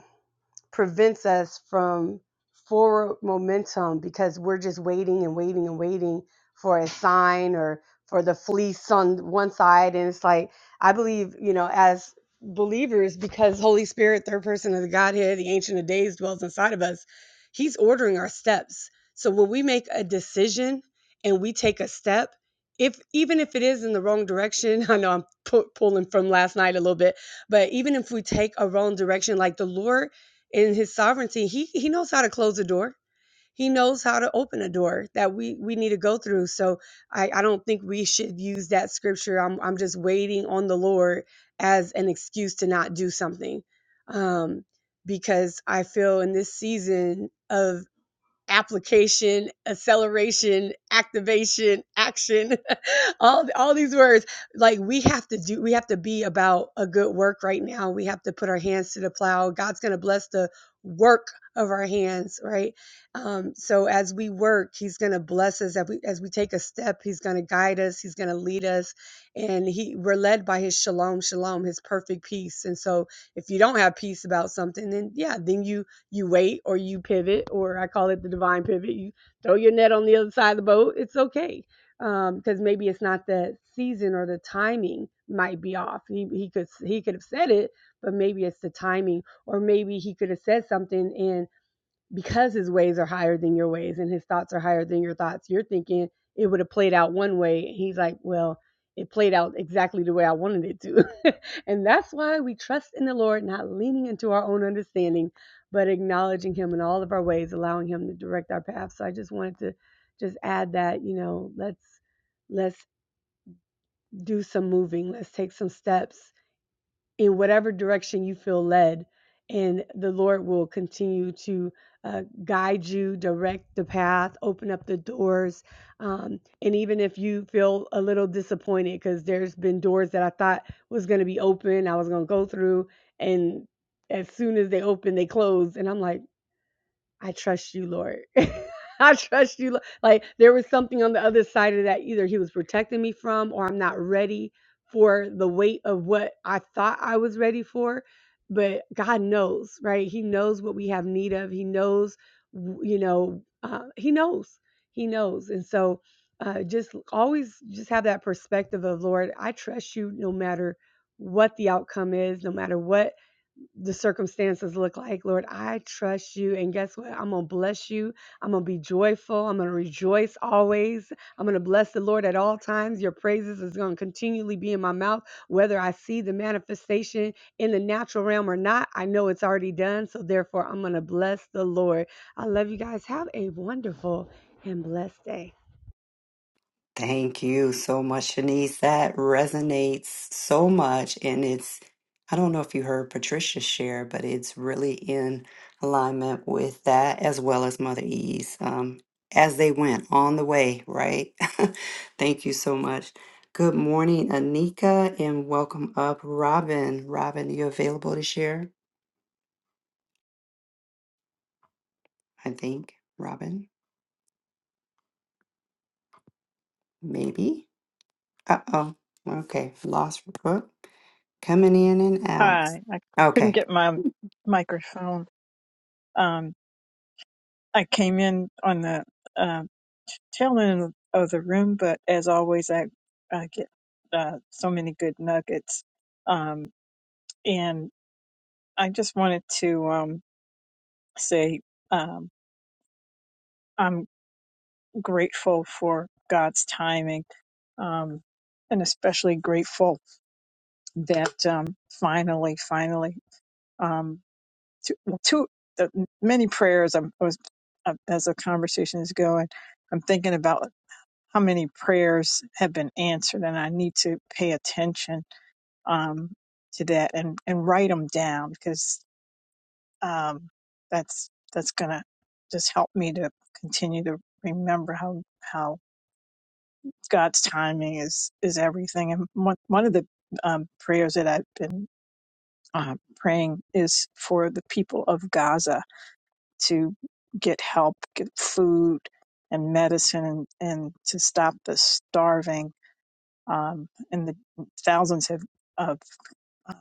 H: prevents us from forward momentum because we're just waiting and waiting and waiting for a sign or for the fleece on one side and it's like i believe you know as believers because holy spirit third person of the godhead the ancient of days dwells inside of us he's ordering our steps so when we make a decision and we take a step if even if it is in the wrong direction i know i'm pu- pulling from last night a little bit but even if we take a wrong direction like the lord in his sovereignty he he knows how to close a door he knows how to open a door that we we need to go through so i i don't think we should use that scripture i'm i'm just waiting on the lord as an excuse to not do something um because i feel in this season of application, acceleration, activation, action, all all these words. Like we have to do we have to be about a good work right now. We have to put our hands to the plow. God's going to bless the work of our hands, right? Um so as we work, he's going to bless us as we as we take a step, he's going to guide us, he's going to lead us and he we're led by his shalom shalom, his perfect peace. And so if you don't have peace about something, then yeah, then you you wait or you pivot, or I call it the divine pivot. You throw your net on the other side of the boat. It's okay Um, because maybe it's not the season or the timing might be off. He he could he could have said it, but maybe it's the timing, or maybe he could have said something and because his ways are higher than your ways and his thoughts are higher than your thoughts, you're thinking it would have played out one way. And he's like, well, it played out exactly the way I wanted it to. and that's why we trust in the Lord, not leaning into our own understanding, but acknowledging him in all of our ways, allowing him to direct our path. So I just wanted to just add that, you know, let's let's do some moving, let's take some steps in whatever direction you feel led. And the Lord will continue to uh, guide you, direct the path, open up the doors. Um, and even if you feel a little disappointed, because there's been doors that I thought was going to be open, I was going to go through. And as soon as they open, they close. And I'm like, I trust you, Lord. I trust you. Lo- Like there was something on the other side of that. Either he was protecting me from, or I'm not ready for the weight of what I thought I was ready for. But God knows, right? He knows what we have need of. He knows, w- you know, uh, he knows, he knows. And so uh, just always just have that perspective of, Lord, I trust you no matter what the outcome is, no matter what the circumstances look like. Lord, I trust you. And guess what? I'm going to bless you. I'm going to be joyful. I'm going to rejoice always. I'm going to bless the Lord at all times. Your praises is going to continually be in my mouth, whether I see the manifestation in the natural realm or not. I know it's already done. So therefore, I'm going to bless the Lord. I love you guys. Have a wonderful and blessed day.
A: Thank you so much, Shanice. That resonates so much. And it's, I don't know if you heard Patricia share, but it's really in alignment with that as well as Mother E's um, as they went on the way, right? Thank you so much. Good morning, Anika, and welcome up, Robin. Robin, you available to share? I think, Robin, maybe. Uh oh. Okay, lost. Coming in and out.
I: Hi, I couldn't
A: Okay.
I: get my microphone. Um, I came in on the uh, tail end of the room, but as always, I, I get uh, so many good nuggets. Um, and I just wanted to um, say um, I'm grateful for God's timing, um, and especially grateful that um, finally, finally. um, two, well, two the many prayers. I'm, I was, uh, as the conversation is going, I'm thinking about how many prayers have been answered, and I need to pay attention um, to that and and write them down because um, that's that's gonna just help me to continue to remember how how God's timing is is everything. And one one of the um, prayers that I've been uh, praying is for the people of Gaza to get help, get food and medicine, and, and to stop the starving. Um, and the thousands of of um,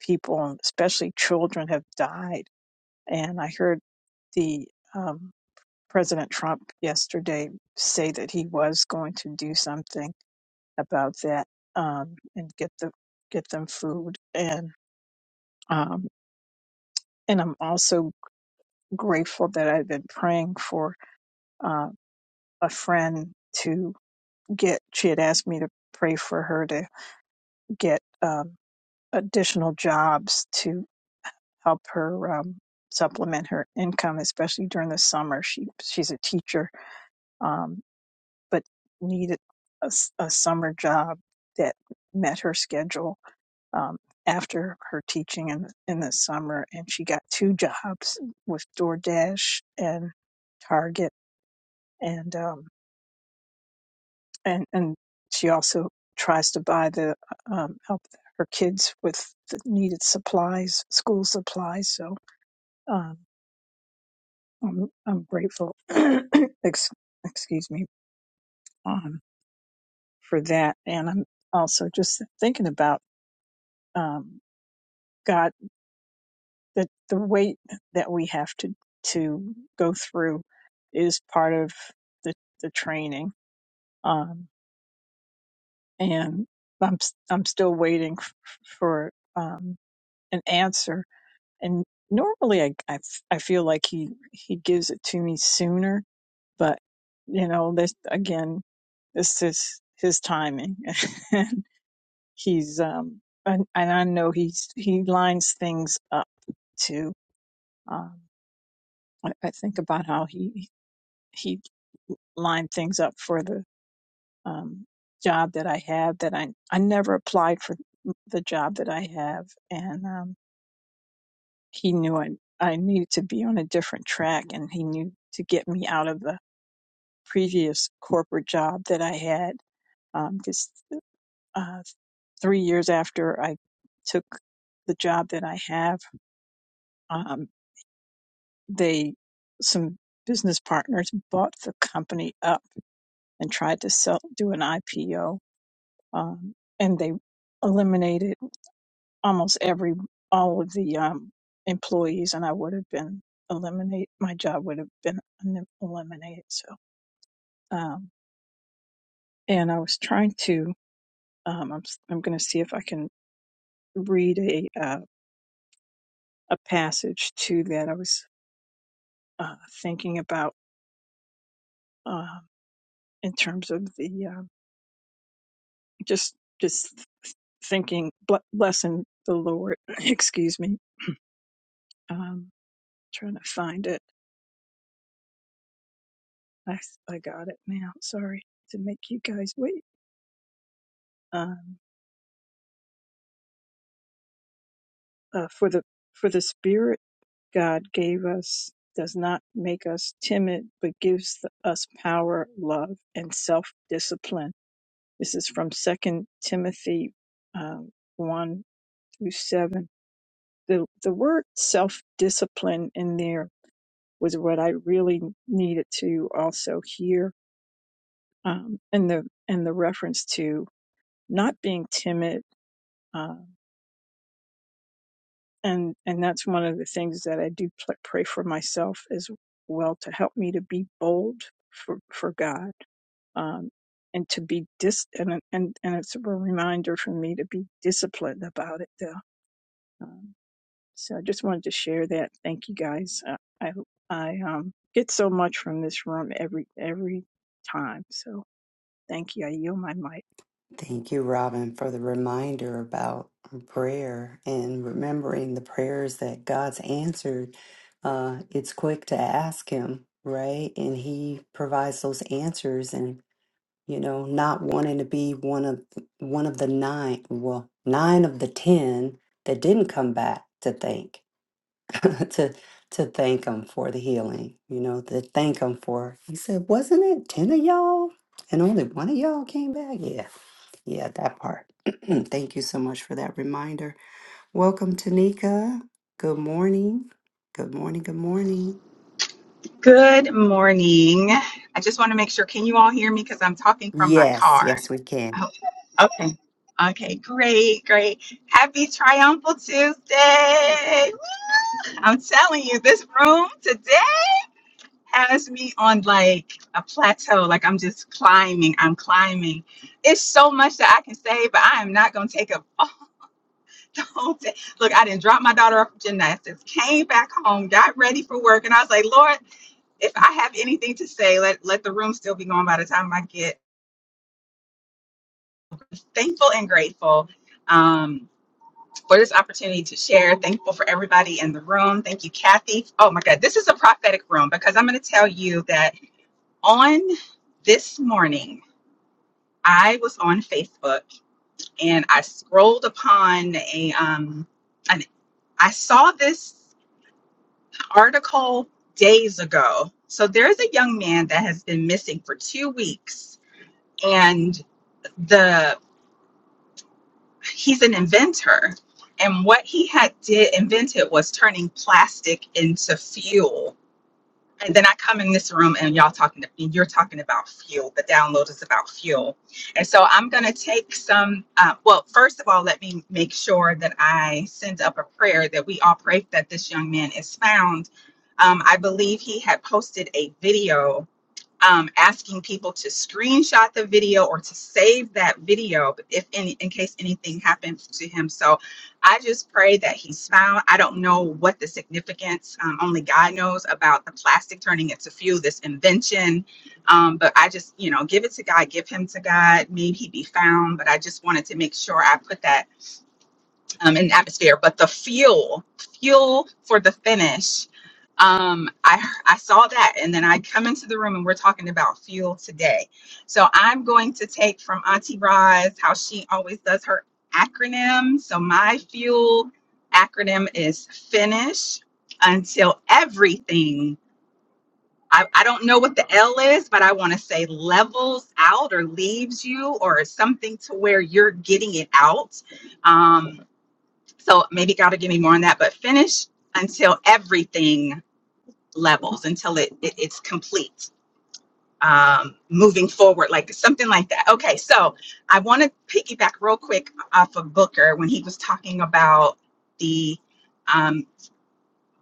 I: people, especially children, have died. And I heard the um, President Trump yesterday say that he was going to do something about that um, and get the get them food and um, and I'm also grateful that I've been praying for uh, a friend to. get she had asked me to pray for her to get um, additional jobs to help her um, supplement her income, especially during the summer. She she's a teacher, um, but needed a, s- a summer job that met her schedule um, after her teaching in in the summer, and she got two jobs with DoorDash and Target, and um, and and she also tries to buy the um, help her kids with the needed supplies, school supplies. So um, I'm I'm grateful. ex- excuse me um, for that, and I'm also just thinking about um, God that the weight that we have to to go through is part of the the training, um, and I'm s- I'm still waiting f- for um, an answer and normally I, I f- I feel like he he gives it to me sooner but you know this again this is his timing he's um and, and i know he's he lines things up too um i, I think about how he he lined things up for the um job that i have that i i never applied for the job that i have and um he knew I, I needed to be on a different track and he knew to get me out of the previous corporate job that I had. Um, just uh, three years after I took the job that I have, um, they, some business partners bought the company up and tried to sell, do an IPO. Um, and they eliminated almost every all of the um, employees, and I would have been eliminate my job would have been elim- eliminated. So, um, and I was trying to. Um, I'm s- I'm going to see if I can read a uh, a passage to that I was uh, thinking about um in terms of the um just just thinking ble- blessing the Lord. Excuse me. Um, trying to find it. I I got it now. Sorry to make you guys wait. um, uh, for the for the spirit god gave us does not make us timid but gives th- us power love and self-discipline this is from second timothy um, 1 through 7 the, the word self-discipline in there was what i really needed to also hear um, and the and the reference to not being timid um, and and that's one of the things that I do pl- pray for myself as well to help me to be bold for for God um, and to be dis and and and it's a reminder for me to be disciplined about it though. Um, so I just wanted to share that. Thank you guys. Uh, I I um, get so much from this room every every time. So thank you. I yield my mic.
A: Thank you, Robin, for the reminder about prayer and remembering the prayers that God's answered. Uh, it's quick to ask Him, right? And He provides those answers. And you know, not wanting to be one of one of the nine, well, nine of the ten that didn't come back to thank. to to thank him for the healing, you know, to thank him for he said, wasn't it ten of y'all? And only one of y'all came back? Yeah. Yeah, that part. thank you so much for that reminder. Welcome Tanika. Good morning. Good morning. Good morning.
J: Good morning. I just want to make sure, can you all hear me? Because I'm talking from my
A: Yes,
J: car.
A: yes, we can.
J: Oh, okay. Okay, great, great. Happy Triumphal Tuesday. Woo! I'm telling you, this room today has me on like a plateau. Like I'm just climbing. I'm climbing. It's so much that I can say, but I am not gonna take up all the whole day. Look, I didn't drop my daughter off at gymnastics, came back home, got ready for work, and I was like, Lord if I have anything to say, let let the room still be going by the time I get thankful and grateful um, for this opportunity to share. Thankful for everybody in the room. Thank you, Kathy. Oh my God, this is a prophetic room because I'm going to tell you that on this morning I was on Facebook and I scrolled upon a um, an, I saw this article days ago. So there is a young man that has been missing for two weeks and the he's an inventor and what he had did invented was turning plastic into fuel and then i come in this room and y'all talking and you're talking about fuel the download is about fuel and so i'm going to take some uh, well first of all let me make sure that i send up a prayer that we all pray that this young man is found um, i believe he had posted a video um, asking people to screenshot the video or to save that video if any, in case anything happens to him. So I just pray that he's found. I don't know what the significance, um, only God knows about the plastic turning into fuel, this invention. Um, but I just, you know, give it to God, give him to God. Maybe he be found. But I just wanted to make sure I put that um, and atmosphere, but the fuel, fuel for the finish. Um, I I saw that, and then I come into the room, and we're talking about fuel today. So I'm going to take from Auntie Roz how she always does her acronym. So my fuel acronym is finish until everything. I, I don't know what the L is, but I want to say levels out or leaves you or something to where you're getting it out Um, so maybe God will give me more on that, but finish until everything levels, until it, it it's complete. Um, moving forward, like something like that. Okay, so I want to piggyback real quick off of Booker when he was talking about the um,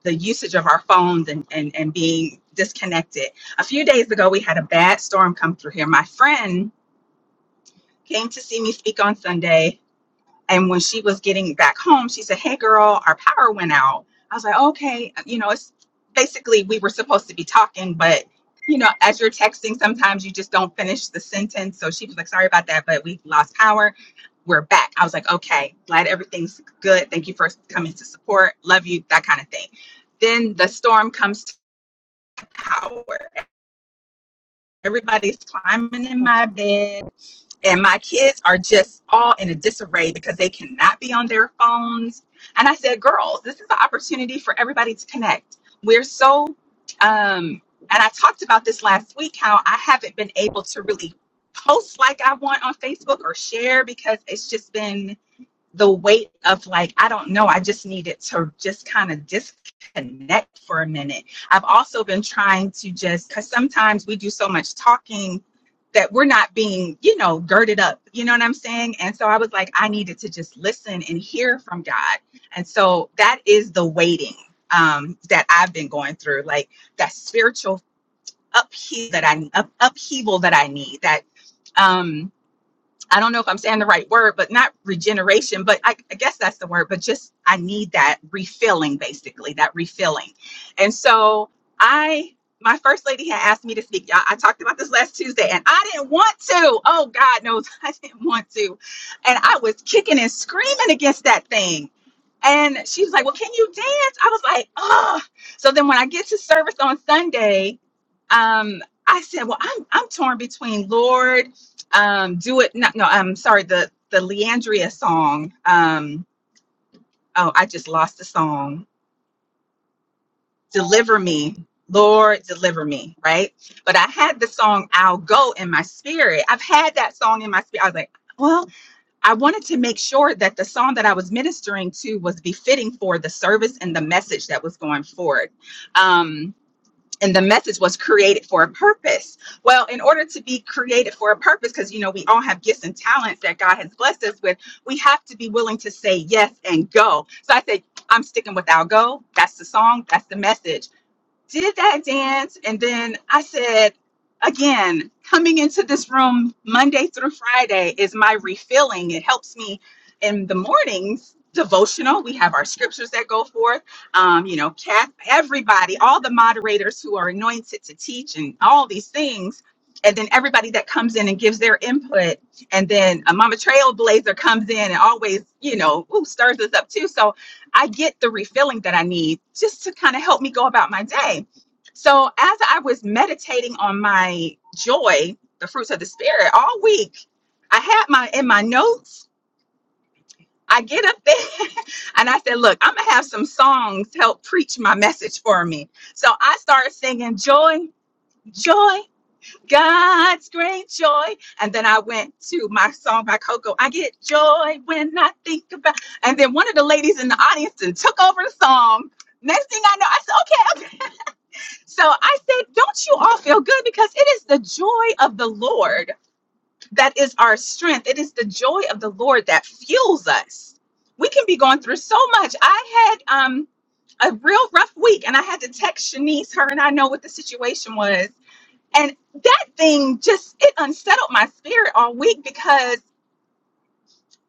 J: the usage of our phones and, and and being disconnected. A few days ago, we had a bad storm come through here. My friend came to see me speak on Sunday And when she was getting back home, she said, Hey, girl, our power went out. I was like, Okay. You know, it's basically we were supposed to be talking, but, you know, as you're texting, sometimes you just don't finish the sentence. So she was like, Sorry about that, but we lost power. We're back. I was like, Okay, glad everything's good. Thank you for coming to support. Love you, that kind of thing. Then the storm comes to power. Everybody's climbing in my bed and my kids are just all in a disarray because they cannot be on their phones. And I said, girls, this is an opportunity for everybody to connect. We're so, um, and I talked about this last week how I haven't been able to really post like I want on Facebook or share because it's just been the weight of like i don't know i just needed to just kind of disconnect for a minute i've also been trying to just because sometimes we do so much talking that we're not being you know girded up you know what i'm saying and so i was like i needed to just listen and hear from god and so that is the waiting um that i've been going through like that spiritual upheaval that i up, upheaval that i need that um I don't know if I'm saying the right word, but not regeneration, but I, I guess that's the word, but just I need that refilling, basically, that refilling. And so I, my first lady had asked me to speak. Y'all, I talked about this last Tuesday and I didn't want to. Oh, God knows I didn't want to. And I was kicking and screaming against that thing. And she was like, Well, can you dance? I was like, Oh. So then when I get to service on Sunday, um, I said, Well, I'm, I'm torn between Lord um do it no no i'm sorry the the leandria song um oh i just lost the song deliver me lord deliver me right but i had the song i'll go in my spirit i've had that song in my spirit i was like well i wanted to make sure that the song that i was ministering to was befitting for the service and the message that was going forward Um, and the message was created for a purpose. Well, in order to be created for a purpose, because you know we all have gifts and talents that God has blessed us with, we have to be willing to say yes and go. So I said, I'm sticking with "I'll go." That's the song. That's the message did that dance and then I said again coming into this room Monday through Friday is my refilling it helps me in the mornings devotional we have our scriptures that go forth um you know Kath everybody all the moderators who are anointed to teach and all these things and then everybody that comes in and gives their input and then a mama trailblazer comes in and always you know ooh, stirs us up too so I get the refilling that I need just to kind of help me go about my day. So as I was meditating on my joy, the fruits of the spirit all week, I had my in my notes. I get up there and I said, "Look, I'm gonna have some songs help preach my message for me." So I started singing joy, joy. God's great joy. And then I went to my song by Coco, I get joy when I think about. And then one of the ladies in the audience and took over the song. Next thing I know, I said, okay, okay. So I said, don't you all feel good? Because it is the joy of the Lord that is our strength. It is the joy of the Lord that fuels us. We can be going through so much. I had um, a real rough week and I had to text Shanice. Her and I know what the situation was and that thing just it unsettled my spirit all week because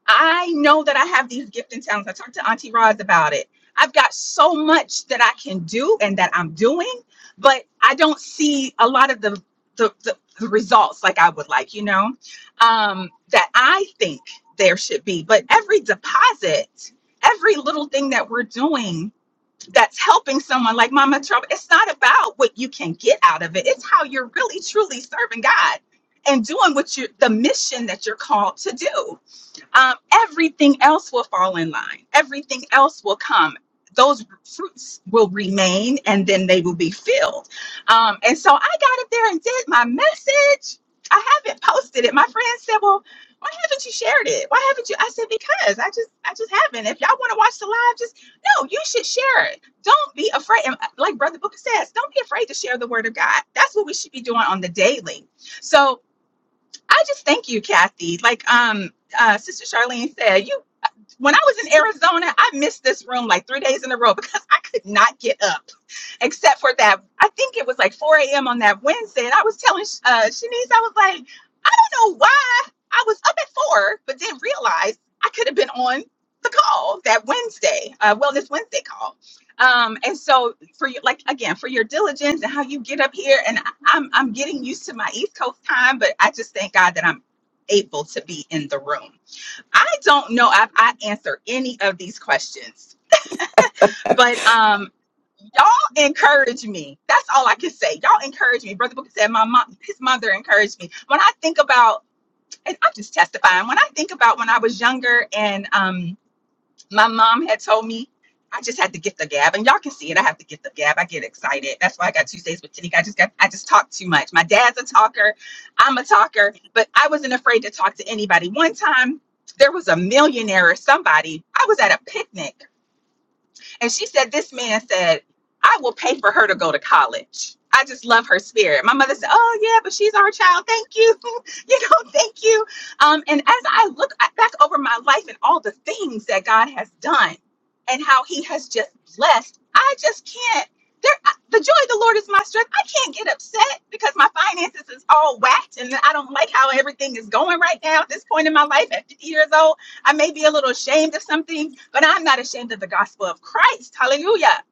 J: I know that I have these gifts and talents. I talked to Auntie Roz about it. I've got so much that I can do and that I'm doing, but I don't see a lot of the the, the, the results like I would like, you know, um, that I think there should be. But every deposit, every little thing that we're doing that's helping someone like Mama Trouble. It's not about what you can get out of it. It's how you're really truly serving God and doing what you the mission that you're called to do um, everything else will fall in line. Everything else will come. Those fruits will remain and then they will be filled. Um, and so I got up there and did my message. I haven't posted it. My friend said, Well, why haven't you shared it? Why haven't you? I said, Because I just I just haven't. If y'all want to watch the live, just no, you should share it. Don't be afraid. And uh, like Brother Booker says, don't be afraid to share the word of God. That's what we should be doing on the daily. So I just thank you, Kathy. Like um, uh, Sister Charlene said, you when I was in Arizona, I missed this room like three days in a row because I could not get up, except for that. I think it was like 4 a.m. on that Wednesday. And I was telling uh, Shanice, I was like, I don't know why I was up at four, but didn't realize I could have been on the call that Wednesday, uh, Wellness Wednesday call. Um, and so for you, like again, for your diligence and how you get up here, and I- I'm I'm getting used to my East Coast time, but I just thank God that I'm able to be in the room. I don't know if I answer any of these questions, but um, y'all encourage me. That's all I can say. Y'all encourage me. Brother Booker said my mom, his mother encouraged me. When I think about, and I'm just testifying. When I think about when I was younger and um, my mom had told me I just had to get the gab, and y'all can see it. I have to get the gab. I get excited. That's why I got Tuesdays with Tanique. I just got I just talk too much. My dad's a talker. I'm a talker, but I wasn't afraid to talk to anybody. One time there was a millionaire or somebody. I was at a picnic. And she said, This man said, I will pay for her to go to college. I just love her spirit. My mother said, Oh, yeah, but she's our child. Thank you. you know, thank you. Um, and as I look back over my life and all the things that God has done and how he has just blessed, I just can't. There, I- the joy of the Lord is my strength. I can't get upset because my finances is all whacked and I don't like how everything is going right now at this point in my life at 50 years old. I may be a little ashamed of some things, but I'm not ashamed of the gospel of Christ. Hallelujah.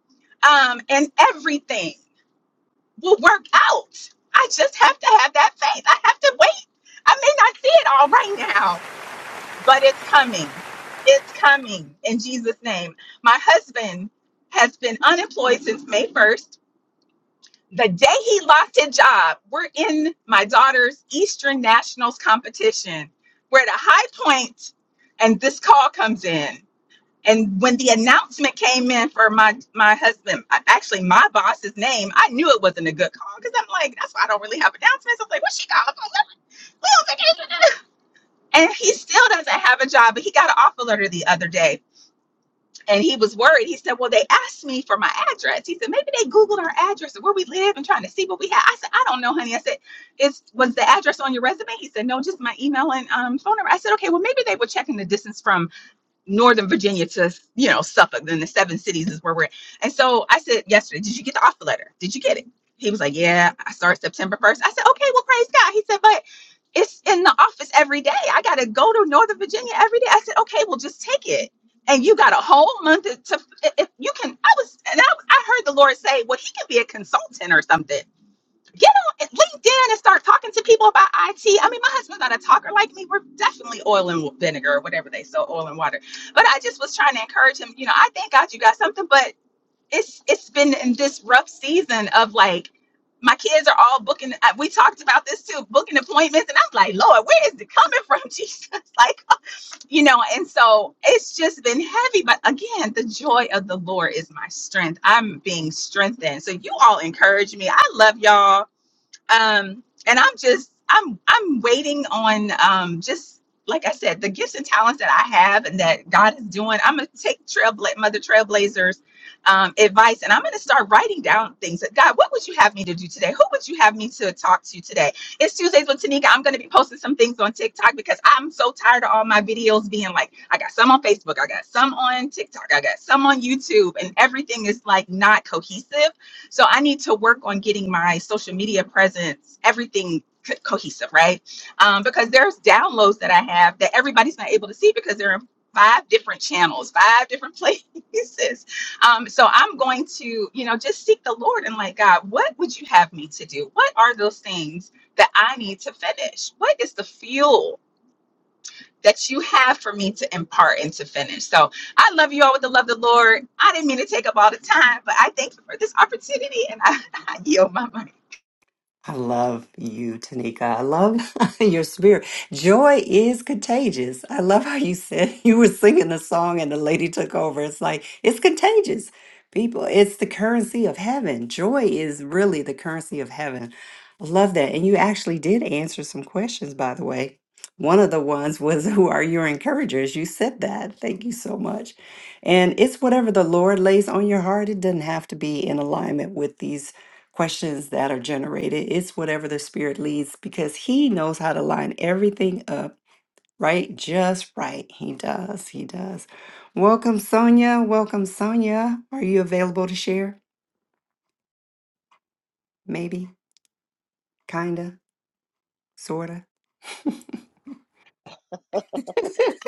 J: Um, and everything will work out. I just have to have that faith. I have to wait. I may not see it all right now, but it's coming. It's coming in Jesus' name. My husband has been unemployed since May 1st. The day he lost his job, we're in my daughter's Eastern Nationals competition. We're at a high point, and this call comes in. And when the announcement came in for my my husband, I- actually my boss's name, I knew it wasn't a good call because I'm like, that's why I don't really have announcements. I'm like, what's she called? We don't take it. And he still doesn't have a job, but he got an offer letter the other day, and he was worried. He said, "Well, they asked me for my address." He said, "Maybe they googled our address and where we live and trying to see what we had." I said, "I don't know, honey." I said, "Is was the address on your resume?" He said, "No, just my email and um, phone number." I said, "Okay, well maybe they were checking the distance from." Northern Virginia to, you know, Suffolk, then the seven cities is where we're at. And so I said yesterday, did you get the offer letter? Did you get it? He was like, yeah, I start September 1st. I said, okay, well, praise God. He said, but it's in the office every day. I got to go to Northern Virginia every day. I said, okay, well, just take it. And you got a whole month to, to- if you can, I was, and I, I heard the Lord say, well, he can be a consultant or something get on LinkedIn and start talking to people about IT. I mean, my husband's not a talker like me. We're definitely oil and vinegar or whatever they sell, oil and water. But I just was trying to encourage him. You know, I thank God you got something, but it's it's been in this rough season of like my kids are all booking. uh, We talked about this too, booking appointments, and I'm like, Lord, where is it coming from, Jesus? Like, you know. And so it's just been heavy. But again, the joy of the Lord is my strength. I'm being strengthened. So you all encourage me. I love y'all um, and I'm just I'm I'm waiting on um, just like I said, the gifts and talents that I have and that God is doing. I'm gonna take Trailbla- Mother Trailblazers um, advice, and I'm gonna start writing down things. That, God, what would you have me to do today? Who would you have me to talk to today? It's Tuesdays with Tanika. I'm gonna be posting some things on TikTok because I'm so tired of all my videos being like, I got some on Facebook, I got some on TikTok, I got some on YouTube, and everything is like not cohesive so I need to work on getting my social media presence, everything co- cohesive, right? Um, because there's downloads that I have that everybody's not able to see because they're in five different channels, five different places. Um, so I'm going to, you know, just seek the Lord and like, God, what would you have me to do? What are those things that I need to finish? What is the fuel? that you have for me to impart and to finish. So I love you all with the love of the Lord. I didn't mean to take up all the time, but I thank you for this opportunity and I, I yield my money.
A: I love you, Tanika. I love your spirit. Joy is contagious. I love how you said you were singing the song and the lady took over. It's like, it's contagious. People, it's the currency of heaven. Joy is really the currency of heaven. I love that. And you actually did answer some questions, by the way. One of the ones was, Who are your encouragers? You said that. Thank you so much. And it's whatever the Lord lays on your heart. It doesn't have to be in alignment with these questions that are generated. It's whatever the Spirit leads because He knows how to line everything up right, just right. He does. He does. Welcome, Sonia. Welcome, Sonia. Are you available to share? Maybe, kinda, sorta.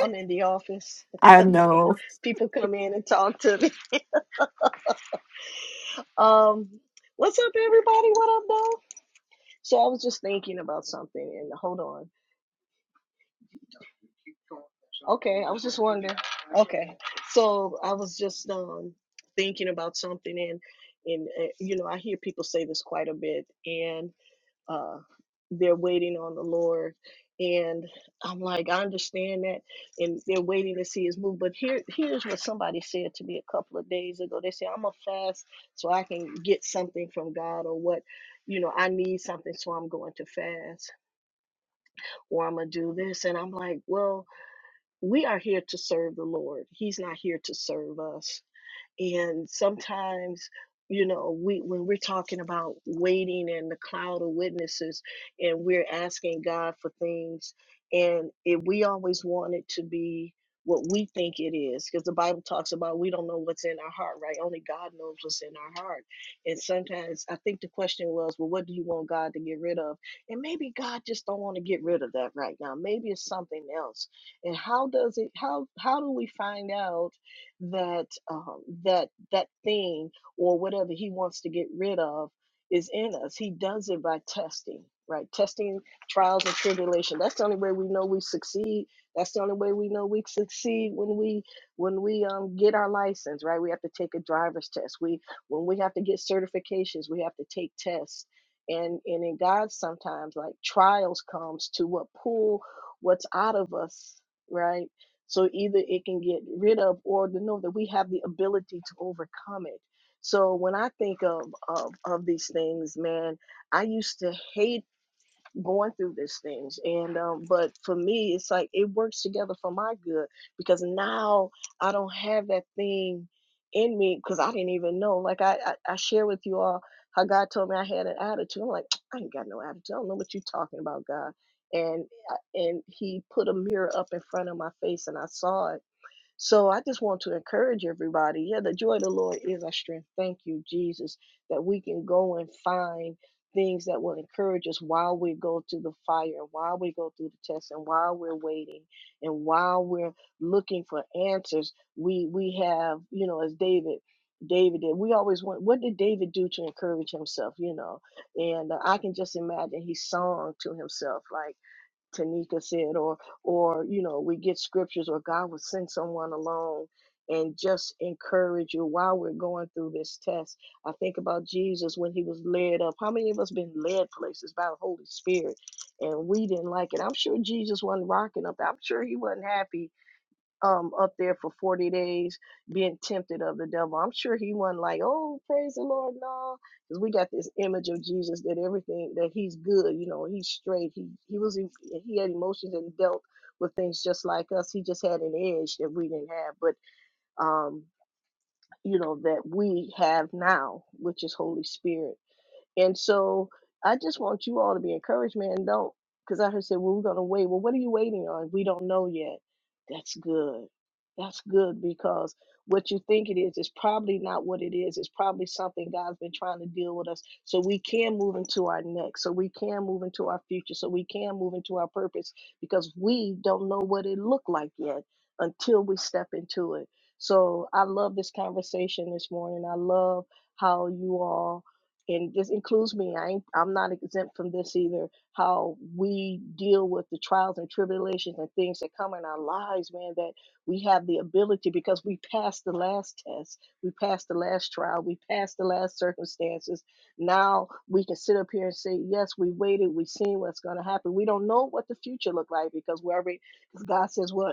K: I'm in the office. People come in and talk to me. Um, what's up, everybody? What up, though? So I was just thinking about something, and hold on. Okay, I was just wondering. Okay, so I was just um thinking about something, and and uh, you know I hear people say this quite a bit, and. uh, they're waiting on the Lord. And I'm like, I understand that, and they're waiting to see His move. But here, here's what somebody said to me a couple of days ago. They say, "I'm gonna fast so I can get something from God, or what, you know, I need something, so I'm going to fast, or I'm gonna do this." And I'm like, well, we are here to serve the Lord. He's not here to serve us and sometimes, you know, we when we're talking about waiting and the cloud of witnesses and we're asking God for things, and if we always want it to be what we think it is, because the Bible talks about we don't know what's in our heart, right? Only God knows what's in our heart. And sometimes I think the question was, well, what do you want God to get rid of? And maybe God just don't want to get rid of that right now. Maybe it's something else. And how does it how how do we find out? that um, that that thing or whatever he wants to get rid of is in us. He does it by testing, right? Testing, trials, and tribulation. That's the only way we know we succeed. That's the only way we know we succeed when we when we um, get our license, right? We have to take a driver's test. We when we have to get certifications, we have to take tests. And and in God sometimes like trials comes to what pull what's out of us, right? So either it can get rid of or to know that we have the ability to overcome it. So when I think of, of of these things, man, I used to hate going through these things and um but for me it's like it works together for my good because now i don't have that thing in me because i didn't even know like I, I i share with you all how god told me i had an attitude i'm like i ain't got no attitude i don't know what you're talking about god and uh, and he put a mirror up in front of my face and i saw it so I just want to encourage everybody. Yeah, the joy of the Lord is our strength. Thank you, Jesus, that we can go and find things that will encourage us while we go through the fire while we go through the test and while we're waiting and while we're looking for answers. We we have, you know, as David David did. We always want what did David do to encourage himself, you know? And uh, I can just imagine he sung to himself like Tanika said, or or you know, we get scriptures, or God will send someone along and just encourage you while we're going through this test. I think about Jesus when he was led up. How many of us been led places by the Holy Spirit and we didn't like it? I'm sure Jesus wasn't rocking up. there. I'm sure he wasn't happy um up there for 40 days being tempted of the devil. I'm sure he wasn't like, oh, praise the Lord, no. Because we got this image of Jesus that everything that he's good, you know, he's straight. He he was he had emotions and dealt with things just like us. He just had an edge that we didn't have. But um, you know, that we have now, which is Holy Spirit. And so I just want you all to be encouraged, man. Don't, because I heard said, well, we're going to wait. Well, what are you waiting on? We don't know yet. That's good. That's good because what you think it is is probably not what it is. It's probably something God's been trying to deal with us so we can move into our next, so we can move into our future, so we can move into our purpose because we don't know what it looked like yet until we step into it. So I love this conversation this morning. I love how you all and this includes me. I ain't, I'm not exempt from this either. How we deal with the trials and tribulations and things that come in our lives, man. That we have the ability because we passed the last test, we passed the last trial, we passed the last circumstances. Now we can sit up here and say, yes, we waited, we seen what's going to happen. We don't know what the future look like because we already, God says, what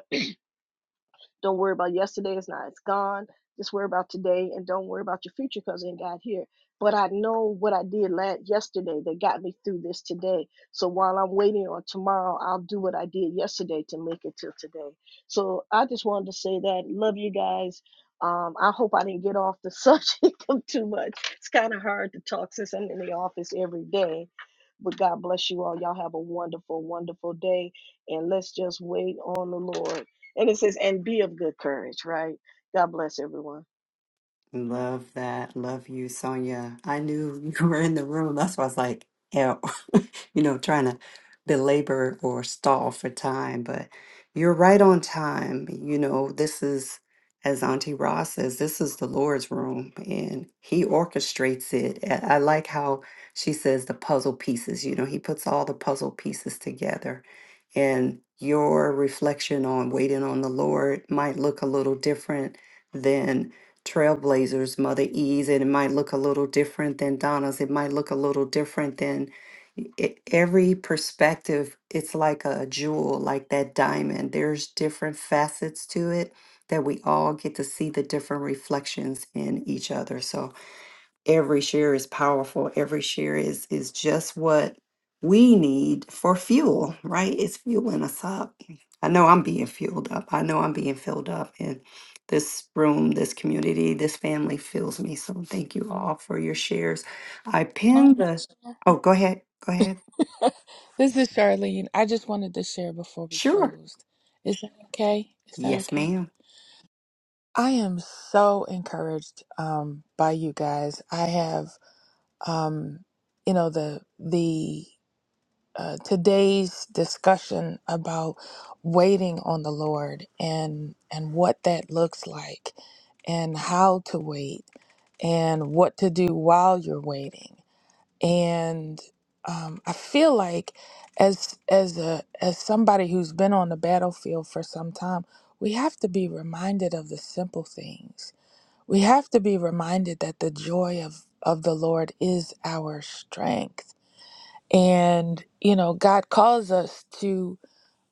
K: don't worry about yesterday. It's not. It's gone. Just worry about today, and don't worry about your future because it ain't got here. But I know what I did last yesterday that got me through this today. So while I'm waiting on tomorrow, I'll do what I did yesterday to make it till today. So I just wanted to say that. Love you guys. Um, I hope I didn't get off the subject too much. It's kind of hard to talk since I'm in the office every day. But God bless you all. Y'all have a wonderful, wonderful day. And let's just wait on the Lord. And it says, and be of good courage, right? God bless everyone.
A: Love that. Love you, Sonia. I knew you were in the room. That's why I was like, you know, trying to belabor or stall for time, but you're right on time. You know, this is, as Auntie Ross says, this is the Lord's room and He orchestrates it. A- I like how she says the puzzle pieces, you know, He puts all the puzzle pieces together. And your reflection on waiting on the Lord might look a little different than Trailblazers, Mother E's, and it might look a little different than Donna's. It might look a little different than e- e, every perspective it's like a jewel like that diamond there's different facets to it that we all get to see the different reflections in each other so every share is powerful every share is is just what we need for fuel right it's fueling us up i know i'm being fueled up i know i'm being filled up and this room this community this family fills me so thank you all for your shares i
G: Can
A: pinned the
G: I
A: oh go ahead go ahead
G: share? this is Charlene. I just wanted to share before we
A: Sure.
G: closed. Is that okay? Is that
A: Yes,
G: okay?
A: ma'am.
G: I am so encouraged um, by you guys. I have, um, you know, the the uh, today's discussion about waiting on the Lord and and what that looks like and how to wait and what to do while you're waiting and um, I feel like as as a as somebody who's been on the battlefield for some time we have to be reminded of the simple things we have to be reminded that the joy of of the Lord is our strength and you know god calls us to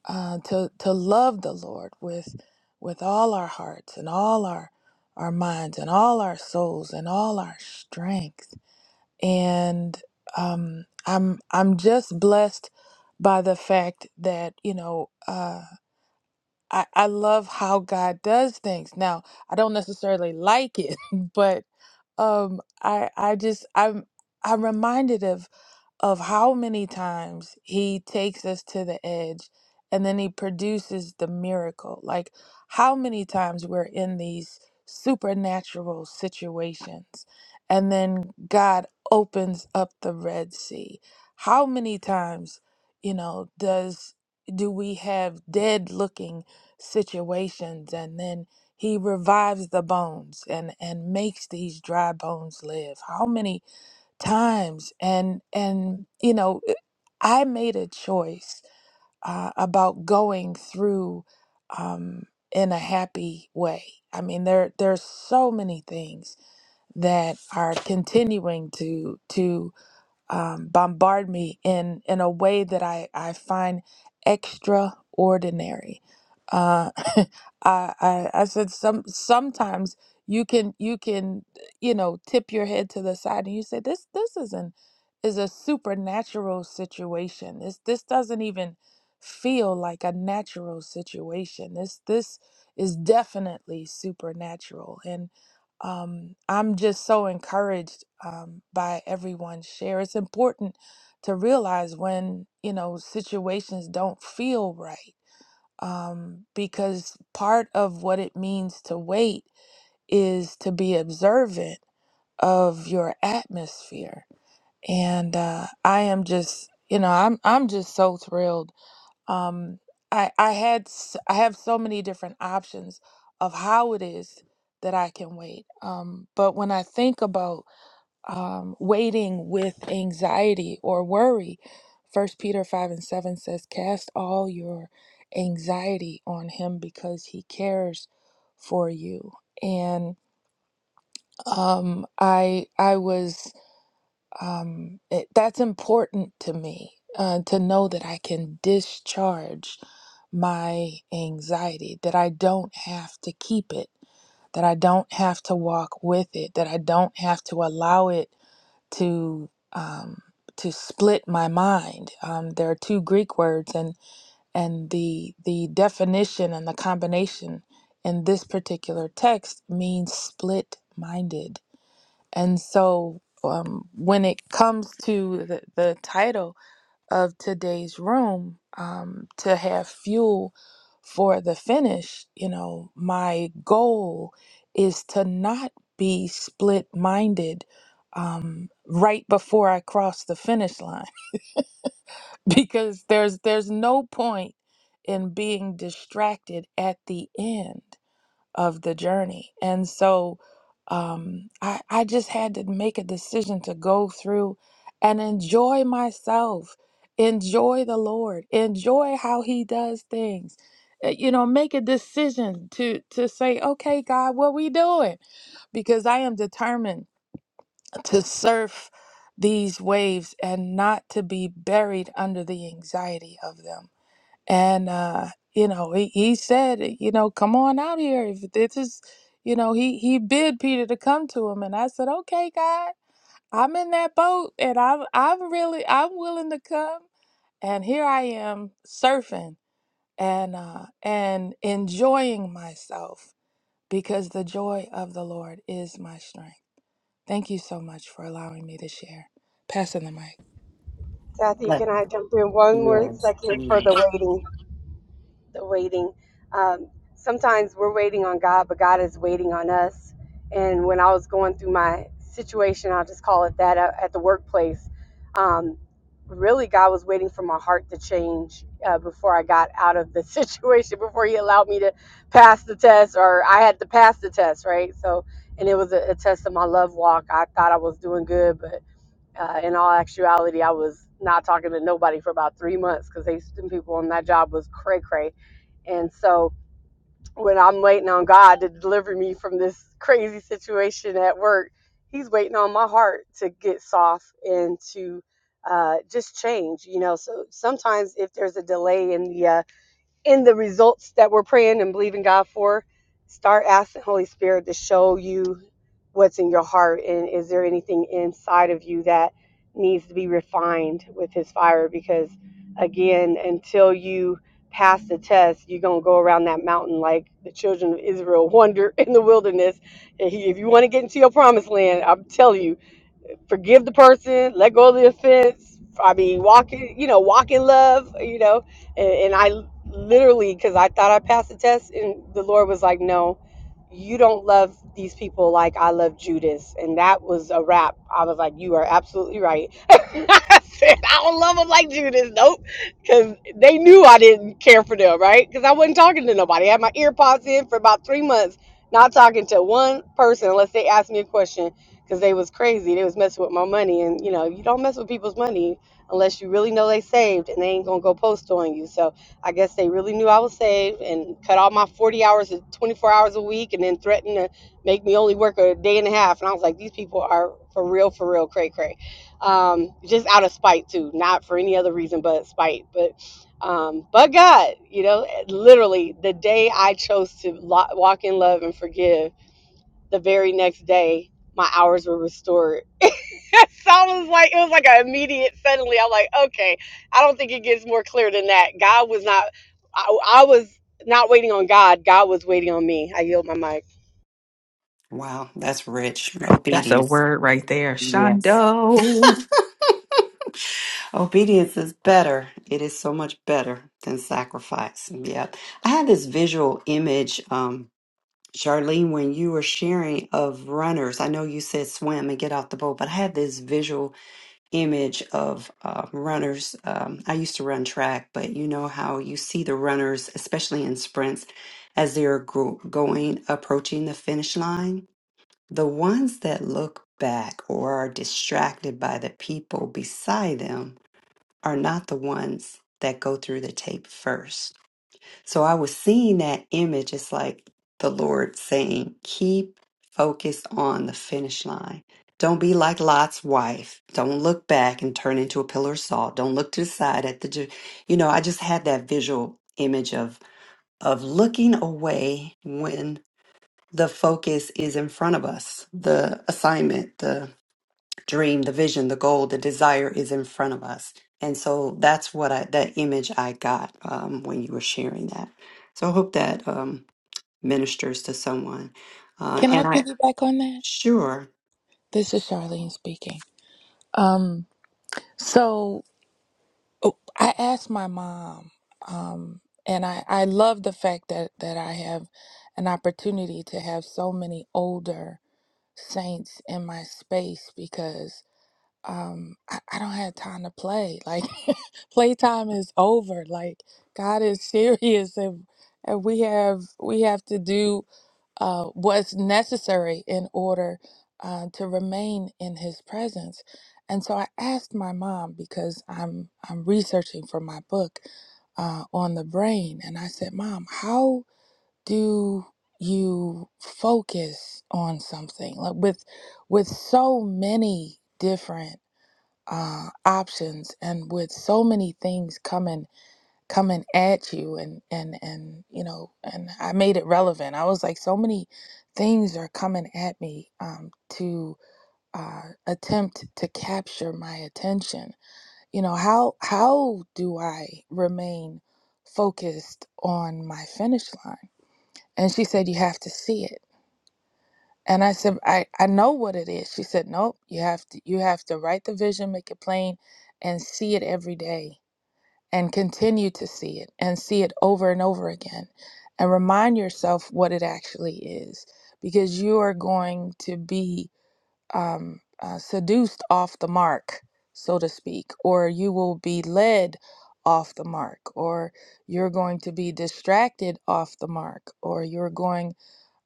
G: uh, to to love the lord with with all our hearts and all our our minds and all our souls and all our strength and um i'm i'm just blessed by the fact that you know uh i i love how god does things now i don't necessarily like it but um i i just i'm i'm reminded of of how many times he takes us to the edge and then he produces the miracle. Like how many times we're in these supernatural situations and then God opens up the Red Sea. How many times, you know, does do we have dead looking situations and then he revives the bones and and makes these dry bones live? How many times and and you know eh, i made a choice uh, about going through um, in a happy way i mean there there's so many things that are continuing to to um, bombard me in in a way that I I find extraordinary. Uh, I, I I said some sometimes you can you can you know tip your head to the side and you say this this isn't is a supernatural situation. This this doesn't even feel like a natural situation. This this is definitely supernatural and um, I'm just so encouraged um, by everyone's share. It's important to realize when you know situations don't feel right, um, because part of what it means to wait is to be observant of your atmosphere. And uh, I am just, you know, I'm I'm just so thrilled um i i had s- i have so many different options of how it is that i can wait um but when i think about um waiting with anxiety or worry first peter 5 and 7 says cast all your anxiety on him because he cares for you and um i i was um, it, that's important to me uh, to know that I can discharge my anxiety, that I don't have to keep it, that I don't have to walk with it, that I don't have to allow it to um, to split my mind. Um, there are two Greek words, and and the the definition and the combination in this particular text means split minded and so, um, when it comes to the, the title of today's room, um, to have fuel for the finish, you know, my goal is to not be split minded um, right before I cross the finish line because there's there's no point in being distracted at the end of the journey. And so um, I, I just had to make a decision to go through and enjoy myself, enjoy the Lord, enjoy how He does things. Uh, You know, make a decision to to say, okay, God, what we doing? Because I am determined to surf these waves and not to be buried under the anxiety of them and uh you know he, he said you know come on out here if this is you know he he bid peter to come to him and i said okay god i'm in that boat and i'm i'm really i'm willing to come and here i am surfing and uh and enjoying myself because the joy of the lord is my strength thank you so much for allowing me to share passing the mic
H: Kathy,
A: Like,
H: can I jump in one more
A: Yes.
H: second for the
A: Yes.
H: waiting? the waiting. Um, sometimes we're waiting on God, but God is waiting on us. And when I was going through my situation, I'll just call it that, at at the workplace, um, really God was waiting for my heart to change uh, before I got out of the situation, before He allowed me to pass the test, or I had to pass the test, right? So, and it was a, a test of my love walk. I thought I was doing good, but uh, in all actuality, I was not talking to nobody for about three months because they, them people on that job was cray cray and so when I'm waiting on God to deliver me from this crazy situation at work, He's waiting on my heart to get soft and to uh, just change, you know. So sometimes if there's a delay in the uh, in the results that we're praying and believing God for, start asking Holy Spirit to show you what's in your heart and is there anything inside of you that needs to be refined with his fire because again until you pass the test you're going to go around that mountain like the children of Israel wander in the wilderness if you want to get into your promised land I'm telling you forgive the person, let go of the offense. I mean, walk in, you know, walk in love, you know. And, and I literally, because I thought I passed the test, and the Lord was like, no, you don't love these people like I love Judas. And that was a wrap. I was like, you are absolutely right. I said, I don't love them like Judas. Nope. Because they knew I didn't care for them, right? Because I wasn't talking to nobody. I had my ear pods in for about three months, not talking to one person unless they asked me a question because they was crazy. They was messing with my money, and you know you don't mess with people's money unless you really know they saved, and they ain't gonna go post on you. So I guess they really knew I was saved and cut all my 40 hours to 24 hours a week, and then threatened to make me only work a day and a half. And I was like, these people are for real, for real, cray cray, um, just out of spite too, not for any other reason but spite. But um, but God, you know, literally the day I chose to lo- walk in love and forgive the very next day my hours were restored so i was like it was like an immediate suddenly i'm like okay i don't think it gets more clear than that god was not i, I was not waiting on god god was waiting on me i yield my mic
A: Wow, that's rich.
J: That's a
A: Obedience.
J: word right there,
A: Yes.
J: Shondo.
A: Obedience is better. It is so much better than sacrifice. Yeah. I had this visual image, um, Charlene, when you were sharing of runners. I know you said swim and get off the boat, but I had this visual image of uh, runners. Um, I used to run track, but you know how you see the runners, especially in sprints, as they're gro- going, approaching the finish line. The ones that look back or are distracted by the people beside them are not the ones that go through the tape first. So I was seeing that image. It's like the Lord saying, keep focused on the finish line. Don't be like Lot's wife. Don't look back and turn into a pillar of salt. Don't look to the side at the, ju- you know, I just had that visual image of, of looking away when the focus is in front of us, the assignment, dream, the vision, the goal, the desire is in front of us. And so that's what I, that image I got um, when you were sharing that. So I hope that um, ministers to someone. Uh,
G: can i
A: and I,
G: piggyback on that
A: sure.
G: this is charlene speaking um so Oh, I asked my mom, um, and I, I love the fact that, that I have an opportunity to have so many older saints in my space um I, I don't have time to play like playtime is over like god is serious and and we have we have to do uh what's necessary in order uh, to remain in his presence and so i asked my mom because i'm i'm researching for my book uh, on the brain and i said mom how do you focus on something like with with so many different uh, options and with so many things coming coming at you and and and you know and I made it relevant. I was like so many things are coming at me um, to uh, attempt to capture my attention. You know how how do I remain focused on my finish line? And she said you have to see it and I said, I, I know what it is. She said, Nope, you have to you have to write the vision, make it plain, and see it every day and continue to see it and see it over and over again. And remind yourself what it actually is. Because you are going to be um, uh, seduced off the mark, so to speak, or you will be led off the mark, or you're going to be distracted off the mark, or you're going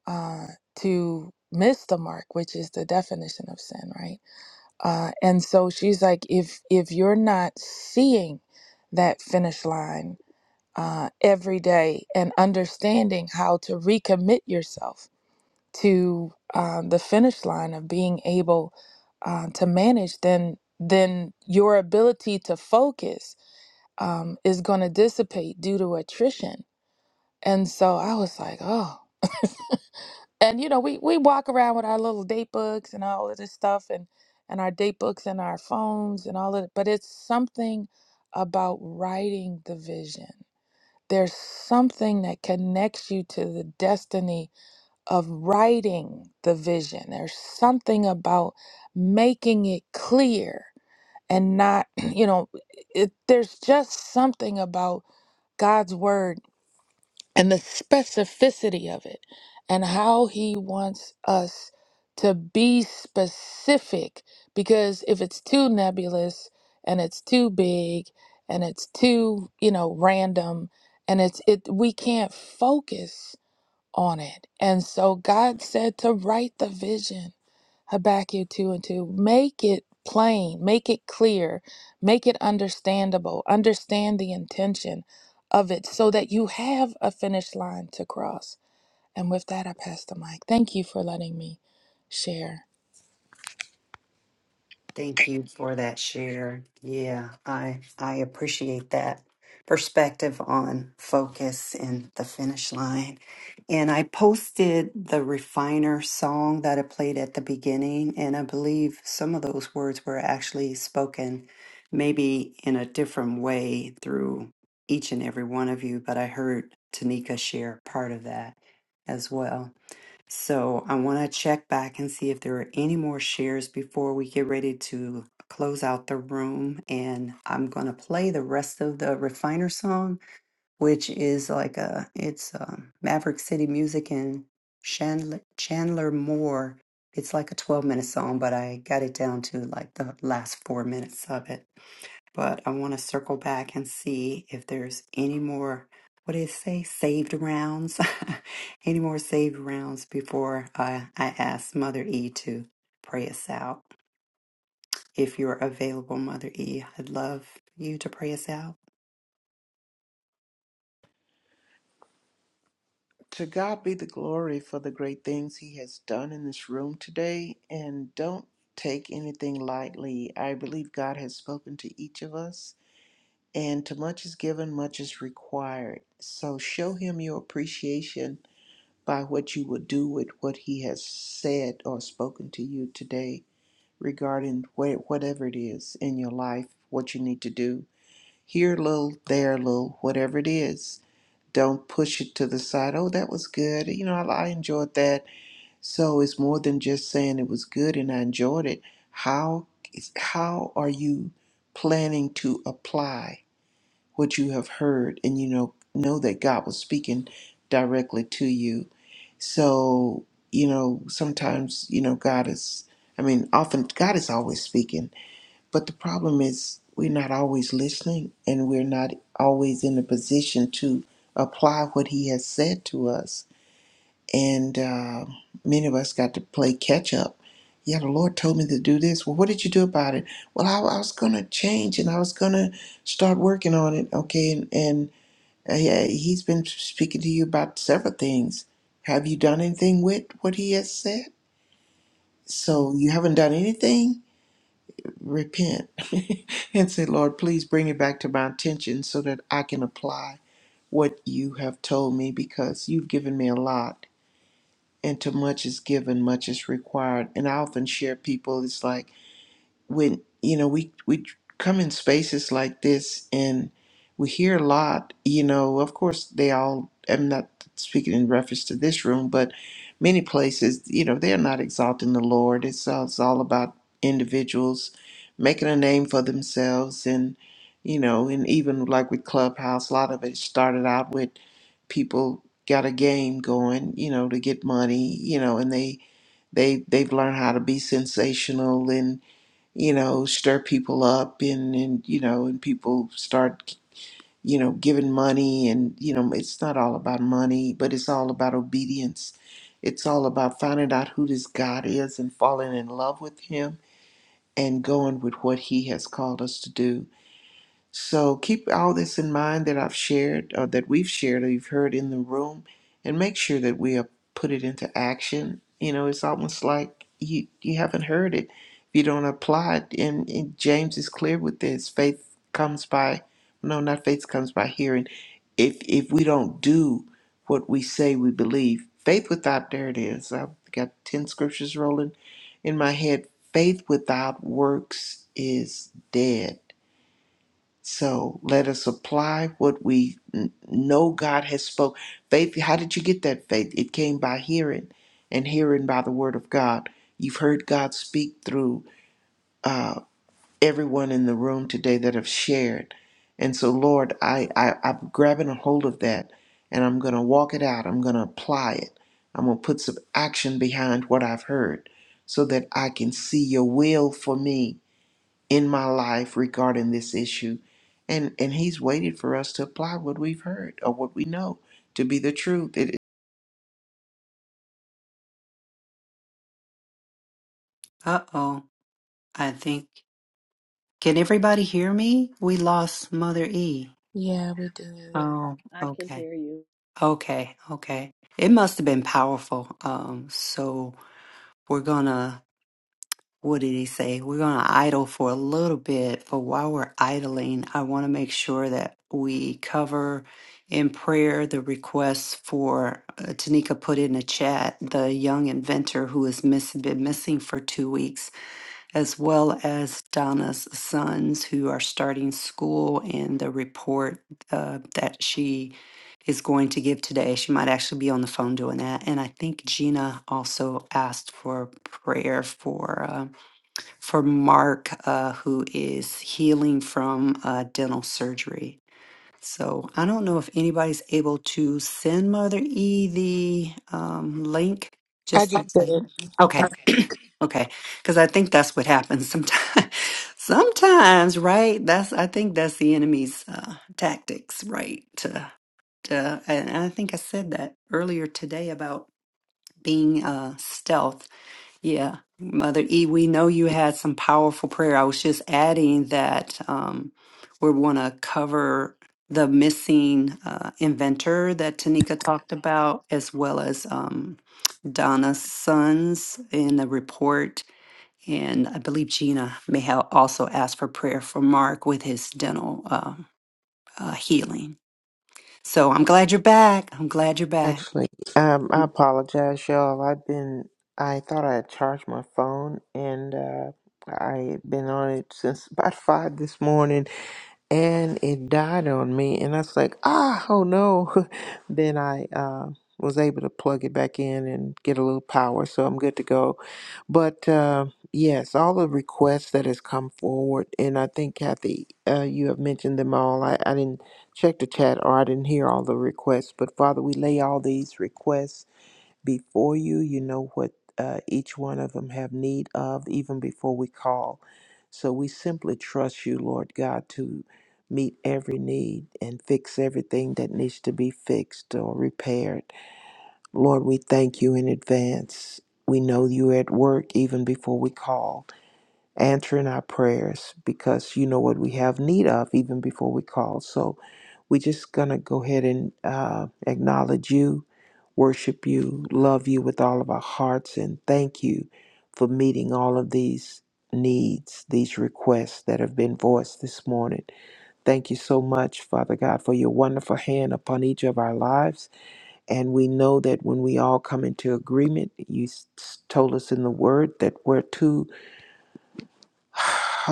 G: uh, to miss the mark, which is the definition of sin, right? Uh, and so she's like, if if you're not seeing that finish line uh, every day and understanding how to recommit yourself to um, the finish line of being able uh, to manage, then then your ability to focus um, is going to dissipate due to attrition. And so I was like, oh. and you know we we walk around with our little date books and all of this stuff and and our date books and our phones and all of it but it's something about writing the vision there's something that connects you to the destiny of writing the vision there's something about making it clear and not you know it, there's just something about god's word and the specificity of it and how he wants us to be specific because if it's too nebulous and it's too big and it's too you know random and it's it we can't focus on it. And so God said to write the vision, Habakkuk 2 and 2. Make it plain, make it clear, make it understandable, understand the intention of it so that you have a finish line to cross. And with that, I pass the mic. Thank you for letting me share.
A: Thank you for that share. Yeah, I I appreciate that perspective on focus and the finish line. And I posted the refiner song that I played at the beginning, and I believe some of those words were actually spoken maybe in a different way through each and every one of you, but I heard Tanika share part of that as well. So I want to check back and see if there are any more shares before we get ready to close out the room. And I'm going to play the rest of the Refiner song, which is like a, it's um Maverick City Music and Chandler, Chandler Moore. It's like a 12 minute song, but I got it down to like the last four minutes of it but I want to circle back and see if there's any more, what did it say, saved rounds? any more saved rounds before I, I ask Mother E to pray us out. If you're available, Mother E, I'd love you to pray us out.
C: To God be the glory for the great things He has done in this room today. And don't take anything lightly. I believe God has spoken to each of us and to much is given, much is required. So show him your appreciation by what you will do with what he has said or spoken to you today regarding wh- whatever it is in your life, what you need to do. Here a little, there a little, whatever it is. Don't push it to the side. Oh, that was good. You know, I, I enjoyed that. So it's more than just saying it was good and I enjoyed it. How how are you planning to apply? what you have heard and you know know that God was speaking directly to you. So, you know, sometimes, you know, God is I mean, often God is always speaking, but the problem is we're not always listening and we're not always in a position to apply what he has said to us and uh, many of us got to play catch up. Yeah, the Lord told me to do this. Well, what did you do about it? Well, I, I was going to change and I was going to start working on it. Okay, and, and uh, yeah, He's been speaking to you about several things. Have you done anything with what He has said? So you haven't done anything? Repent and say, Lord, please bring it back to my attention so that I can apply what you have told me because you've given me a lot and to much is given, much is required. And I often share people, it's like when, you know, we, we come in spaces like this and we hear a lot, you know, of course they all, I'm not speaking in reference to this room, but many places, you know, they're not exalting the Lord. It's, all- it's all about individuals making a name for themselves and, you know, and even like with Clubhouse, a lot of it started out with people got a game going, you know, to get money, you know, and they they they've learned how to be sensational and you know stir people up and and you know and people start you know giving money and you know it's not all about money but it's all about obedience it's all about finding out who this god is and falling in love with him and going with what he has called us to do so keep all this in mind that I've shared, or that we've shared, or you've heard in the room, and make sure that we are put it into action. You know, it's almost like you you haven't heard it if you don't apply it. And, and James is clear with this: faith comes by, no, not faith comes by hearing. If if we don't do what we say we believe, faith without there it is. I've got ten scriptures rolling in my head. Faith without works is dead so let us apply what we n- know God has spoke. Faith, how did you get that faith? It came by hearing, and hearing by the word of God. You've heard God speak through uh, everyone in the room today that have shared. And so, Lord, I, I, I'm grabbing a hold of that, and I'm going to walk it out. I'm going to apply it. I'm going to put some action behind what I've heard so that I can see your will for me in my life regarding this issue and and he's waited for us to apply what we've heard or what we know to be the truth it is
A: Uh oh, I think, can everybody hear me? We lost Mother E.
G: Yeah, we did.
A: Oh,
K: I,
A: okay. Okay, okay. It must have been powerful. Um, so we're gonna what did he say? We're going to idle for a little bit, but while we're idling, I want to make sure that we cover in prayer the requests for uh, Tanika put in a chat, the young inventor who has miss, been missing for two weeks, as well as Donna's sons who are starting school and the report uh, that she is going to give today. She might actually be on the phone doing that. And I think Gina also asked for prayer for. Uh, for Mark, uh, who is healing from uh, dental surgery. So I don't know if anybody's able to send Mother E the um, link.
G: I
A: Just
G: just
A: okay,
G: did.
A: okay, okay, because I think that's what happens sometimes. sometimes, right? That's I think that's the enemy's uh, tactics, right? To, to, and I think I said that earlier today about being uh, stealth yeah, Mother E, we know you had some powerful prayer. I was just adding that um, we want to cover the missing uh, inventor that Tanika talked about, as well as um, Donna's sons in the report. And I believe Gina may have also asked for prayer for Mark with his dental uh, uh, healing. So I'm glad you're back. I'm glad you're back.
C: Actually, um, I
A: Mm.
C: apologize, y'all. I've been, I thought I had charged my phone and uh, I had been on it since about five this morning and it died on me. And I was like, ah, oh no. then I uh, was able to plug it back in and get a little power. So I'm good to go. But uh, yes, all the requests that has come forward, and I think Kathy, uh, you have mentioned them all. I, I didn't check the chat, or I didn't hear all the requests. But Father, we lay all these requests before you. You know what uh, each one of them have need of, even before we call. So we simply trust you, Lord God, to meet every need and fix everything that needs to be fixed or repaired. Lord, we thank you in advance. We know you're at work even before we call, answering our prayers because you know what we have need of even before we call. So we're just going to go ahead and uh, acknowledge you, worship you, love you with all of our hearts, and thank you for meeting all of these needs, these requests that have been voiced this morning. Thank you so much, Father God, for your wonderful hand upon each of our lives. And we know that when we all come into agreement, you s- s- told us in the word that we're two, oh,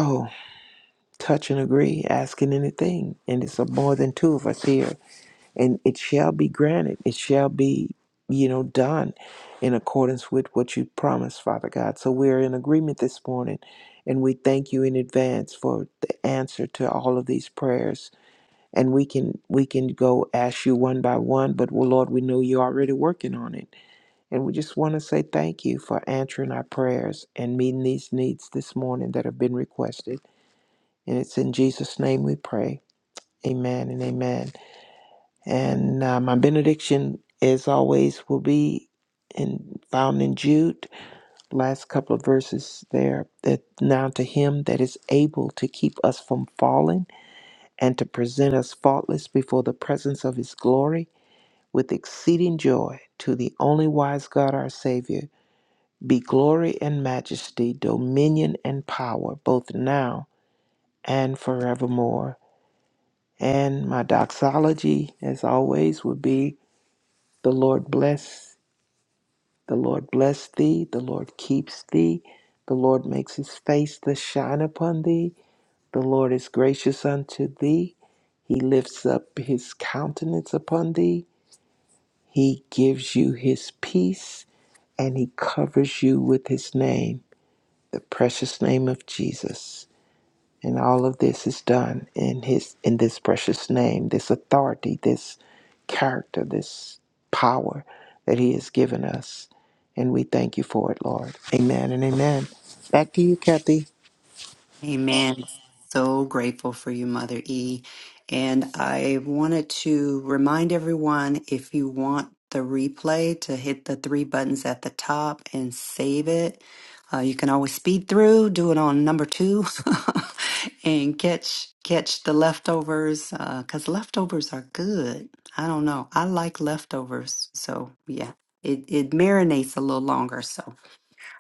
C: touch and agree, asking anything. And it's a more than two of us here. And it shall be granted. It shall be, you know, done in accordance with what you promised, Father God. So we're in agreement this morning. And we thank you in advance for the answer to all of these prayers. And we can we can go ask you one by one, but well, Lord, we know you're already working on it and we just want to say thank you for answering our prayers and meeting these needs this morning that have been requested. And it's in Jesus' name we pray. Amen and amen. And uh, my benediction, as always, will be in, found in Jude, last couple of verses there. That now to him that is able to keep us from falling and to present us faultless before the presence of his glory with exceeding joy, to the only wise God our Savior be glory and majesty, dominion and power, both now and forevermore. And my doxology, as always, would be the Lord bless, the Lord bless thee, the Lord keeps thee, the Lord makes his face to shine upon thee, the Lord is gracious unto thee, he lifts up his countenance upon thee, he gives you his peace, and he covers you with his name, the precious name of Jesus. And all of this is done in his in this precious name, this authority, this character, this power that he has given us. And we thank you for it, Lord. Amen and amen. Back to you, Kathy.
A: Amen. So grateful for you, Mother E. And I wanted to remind everyone if you want the replay to hit the three buttons at the top and save it. Uh, you can always speed through, do it on number two, and catch catch the leftovers because leftovers are good. I don't know. I like leftovers, so yeah, it it marinates a little longer. So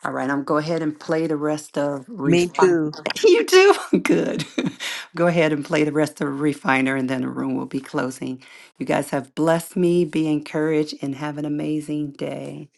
A: all right, I'm go ahead and play the rest of
C: Me
A: refiner.
C: too.
A: You do good. go ahead and play the rest of refiner, and then the room will be closing. You guys have blessed me. Be encouraged and have an amazing day.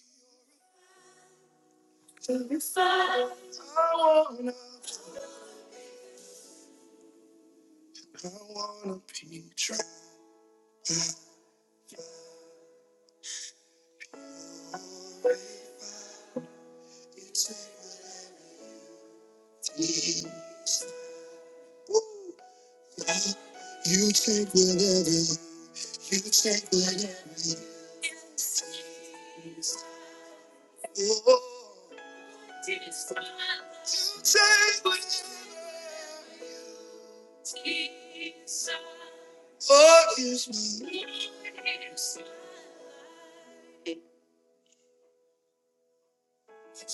A: Oh, use me.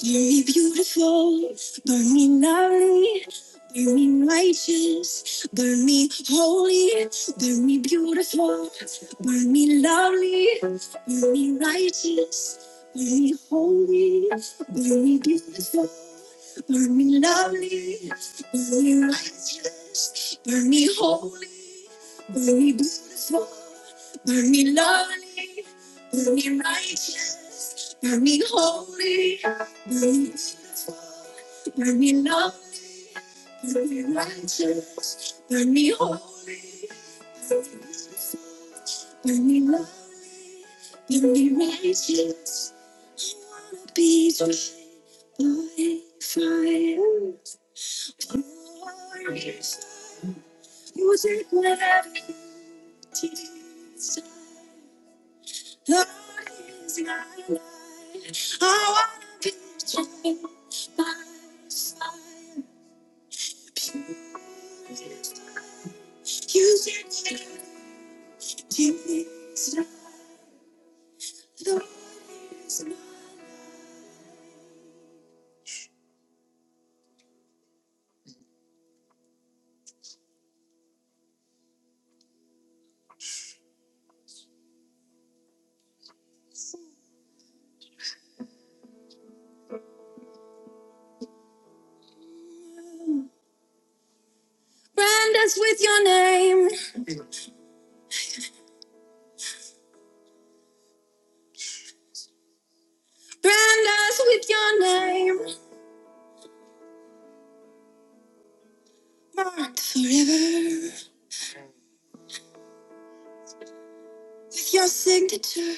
A: Burn me beautiful, burn me lovely, burn me righteous, burn me holy, burn me beautiful, burn me lovely, burn me righteous, burn me holy, burn me beautiful, burn me lovely, burn me righteous, burn me holy, burn me beautiful, burn me lovely, burn me righteous, burn me holy. Burn me love, burn me righteous, burn me holy, burn me love, burn me righteous. I wanna be drained by fire. Glorify, you take whatever you desire. Lord is my life. I wanna be drained by fire. Brand us with your name. Brand us with your name. Marked forever with your signature.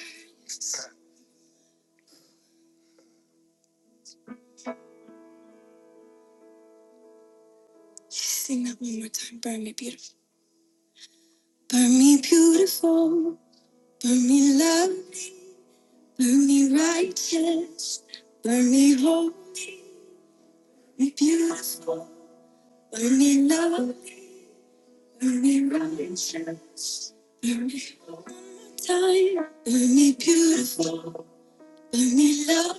A: Sing that one more time. Burn me beautiful. Burn me beautiful. Burn me love. Burn me righteous. Holy love Burn me righteous. Burn me time. Burn me beautiful. Burn me love.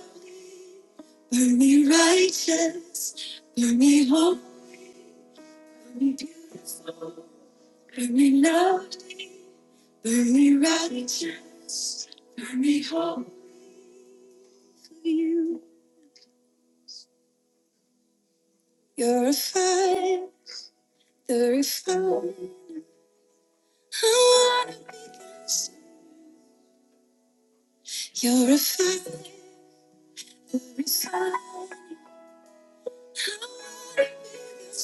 A: Burn me righteous, burn me holy, burn me beautiful, burn me loved, burn me righteous, burn me holy. You, you're a fire, you're a fire. I wanna be this, I wanna be this.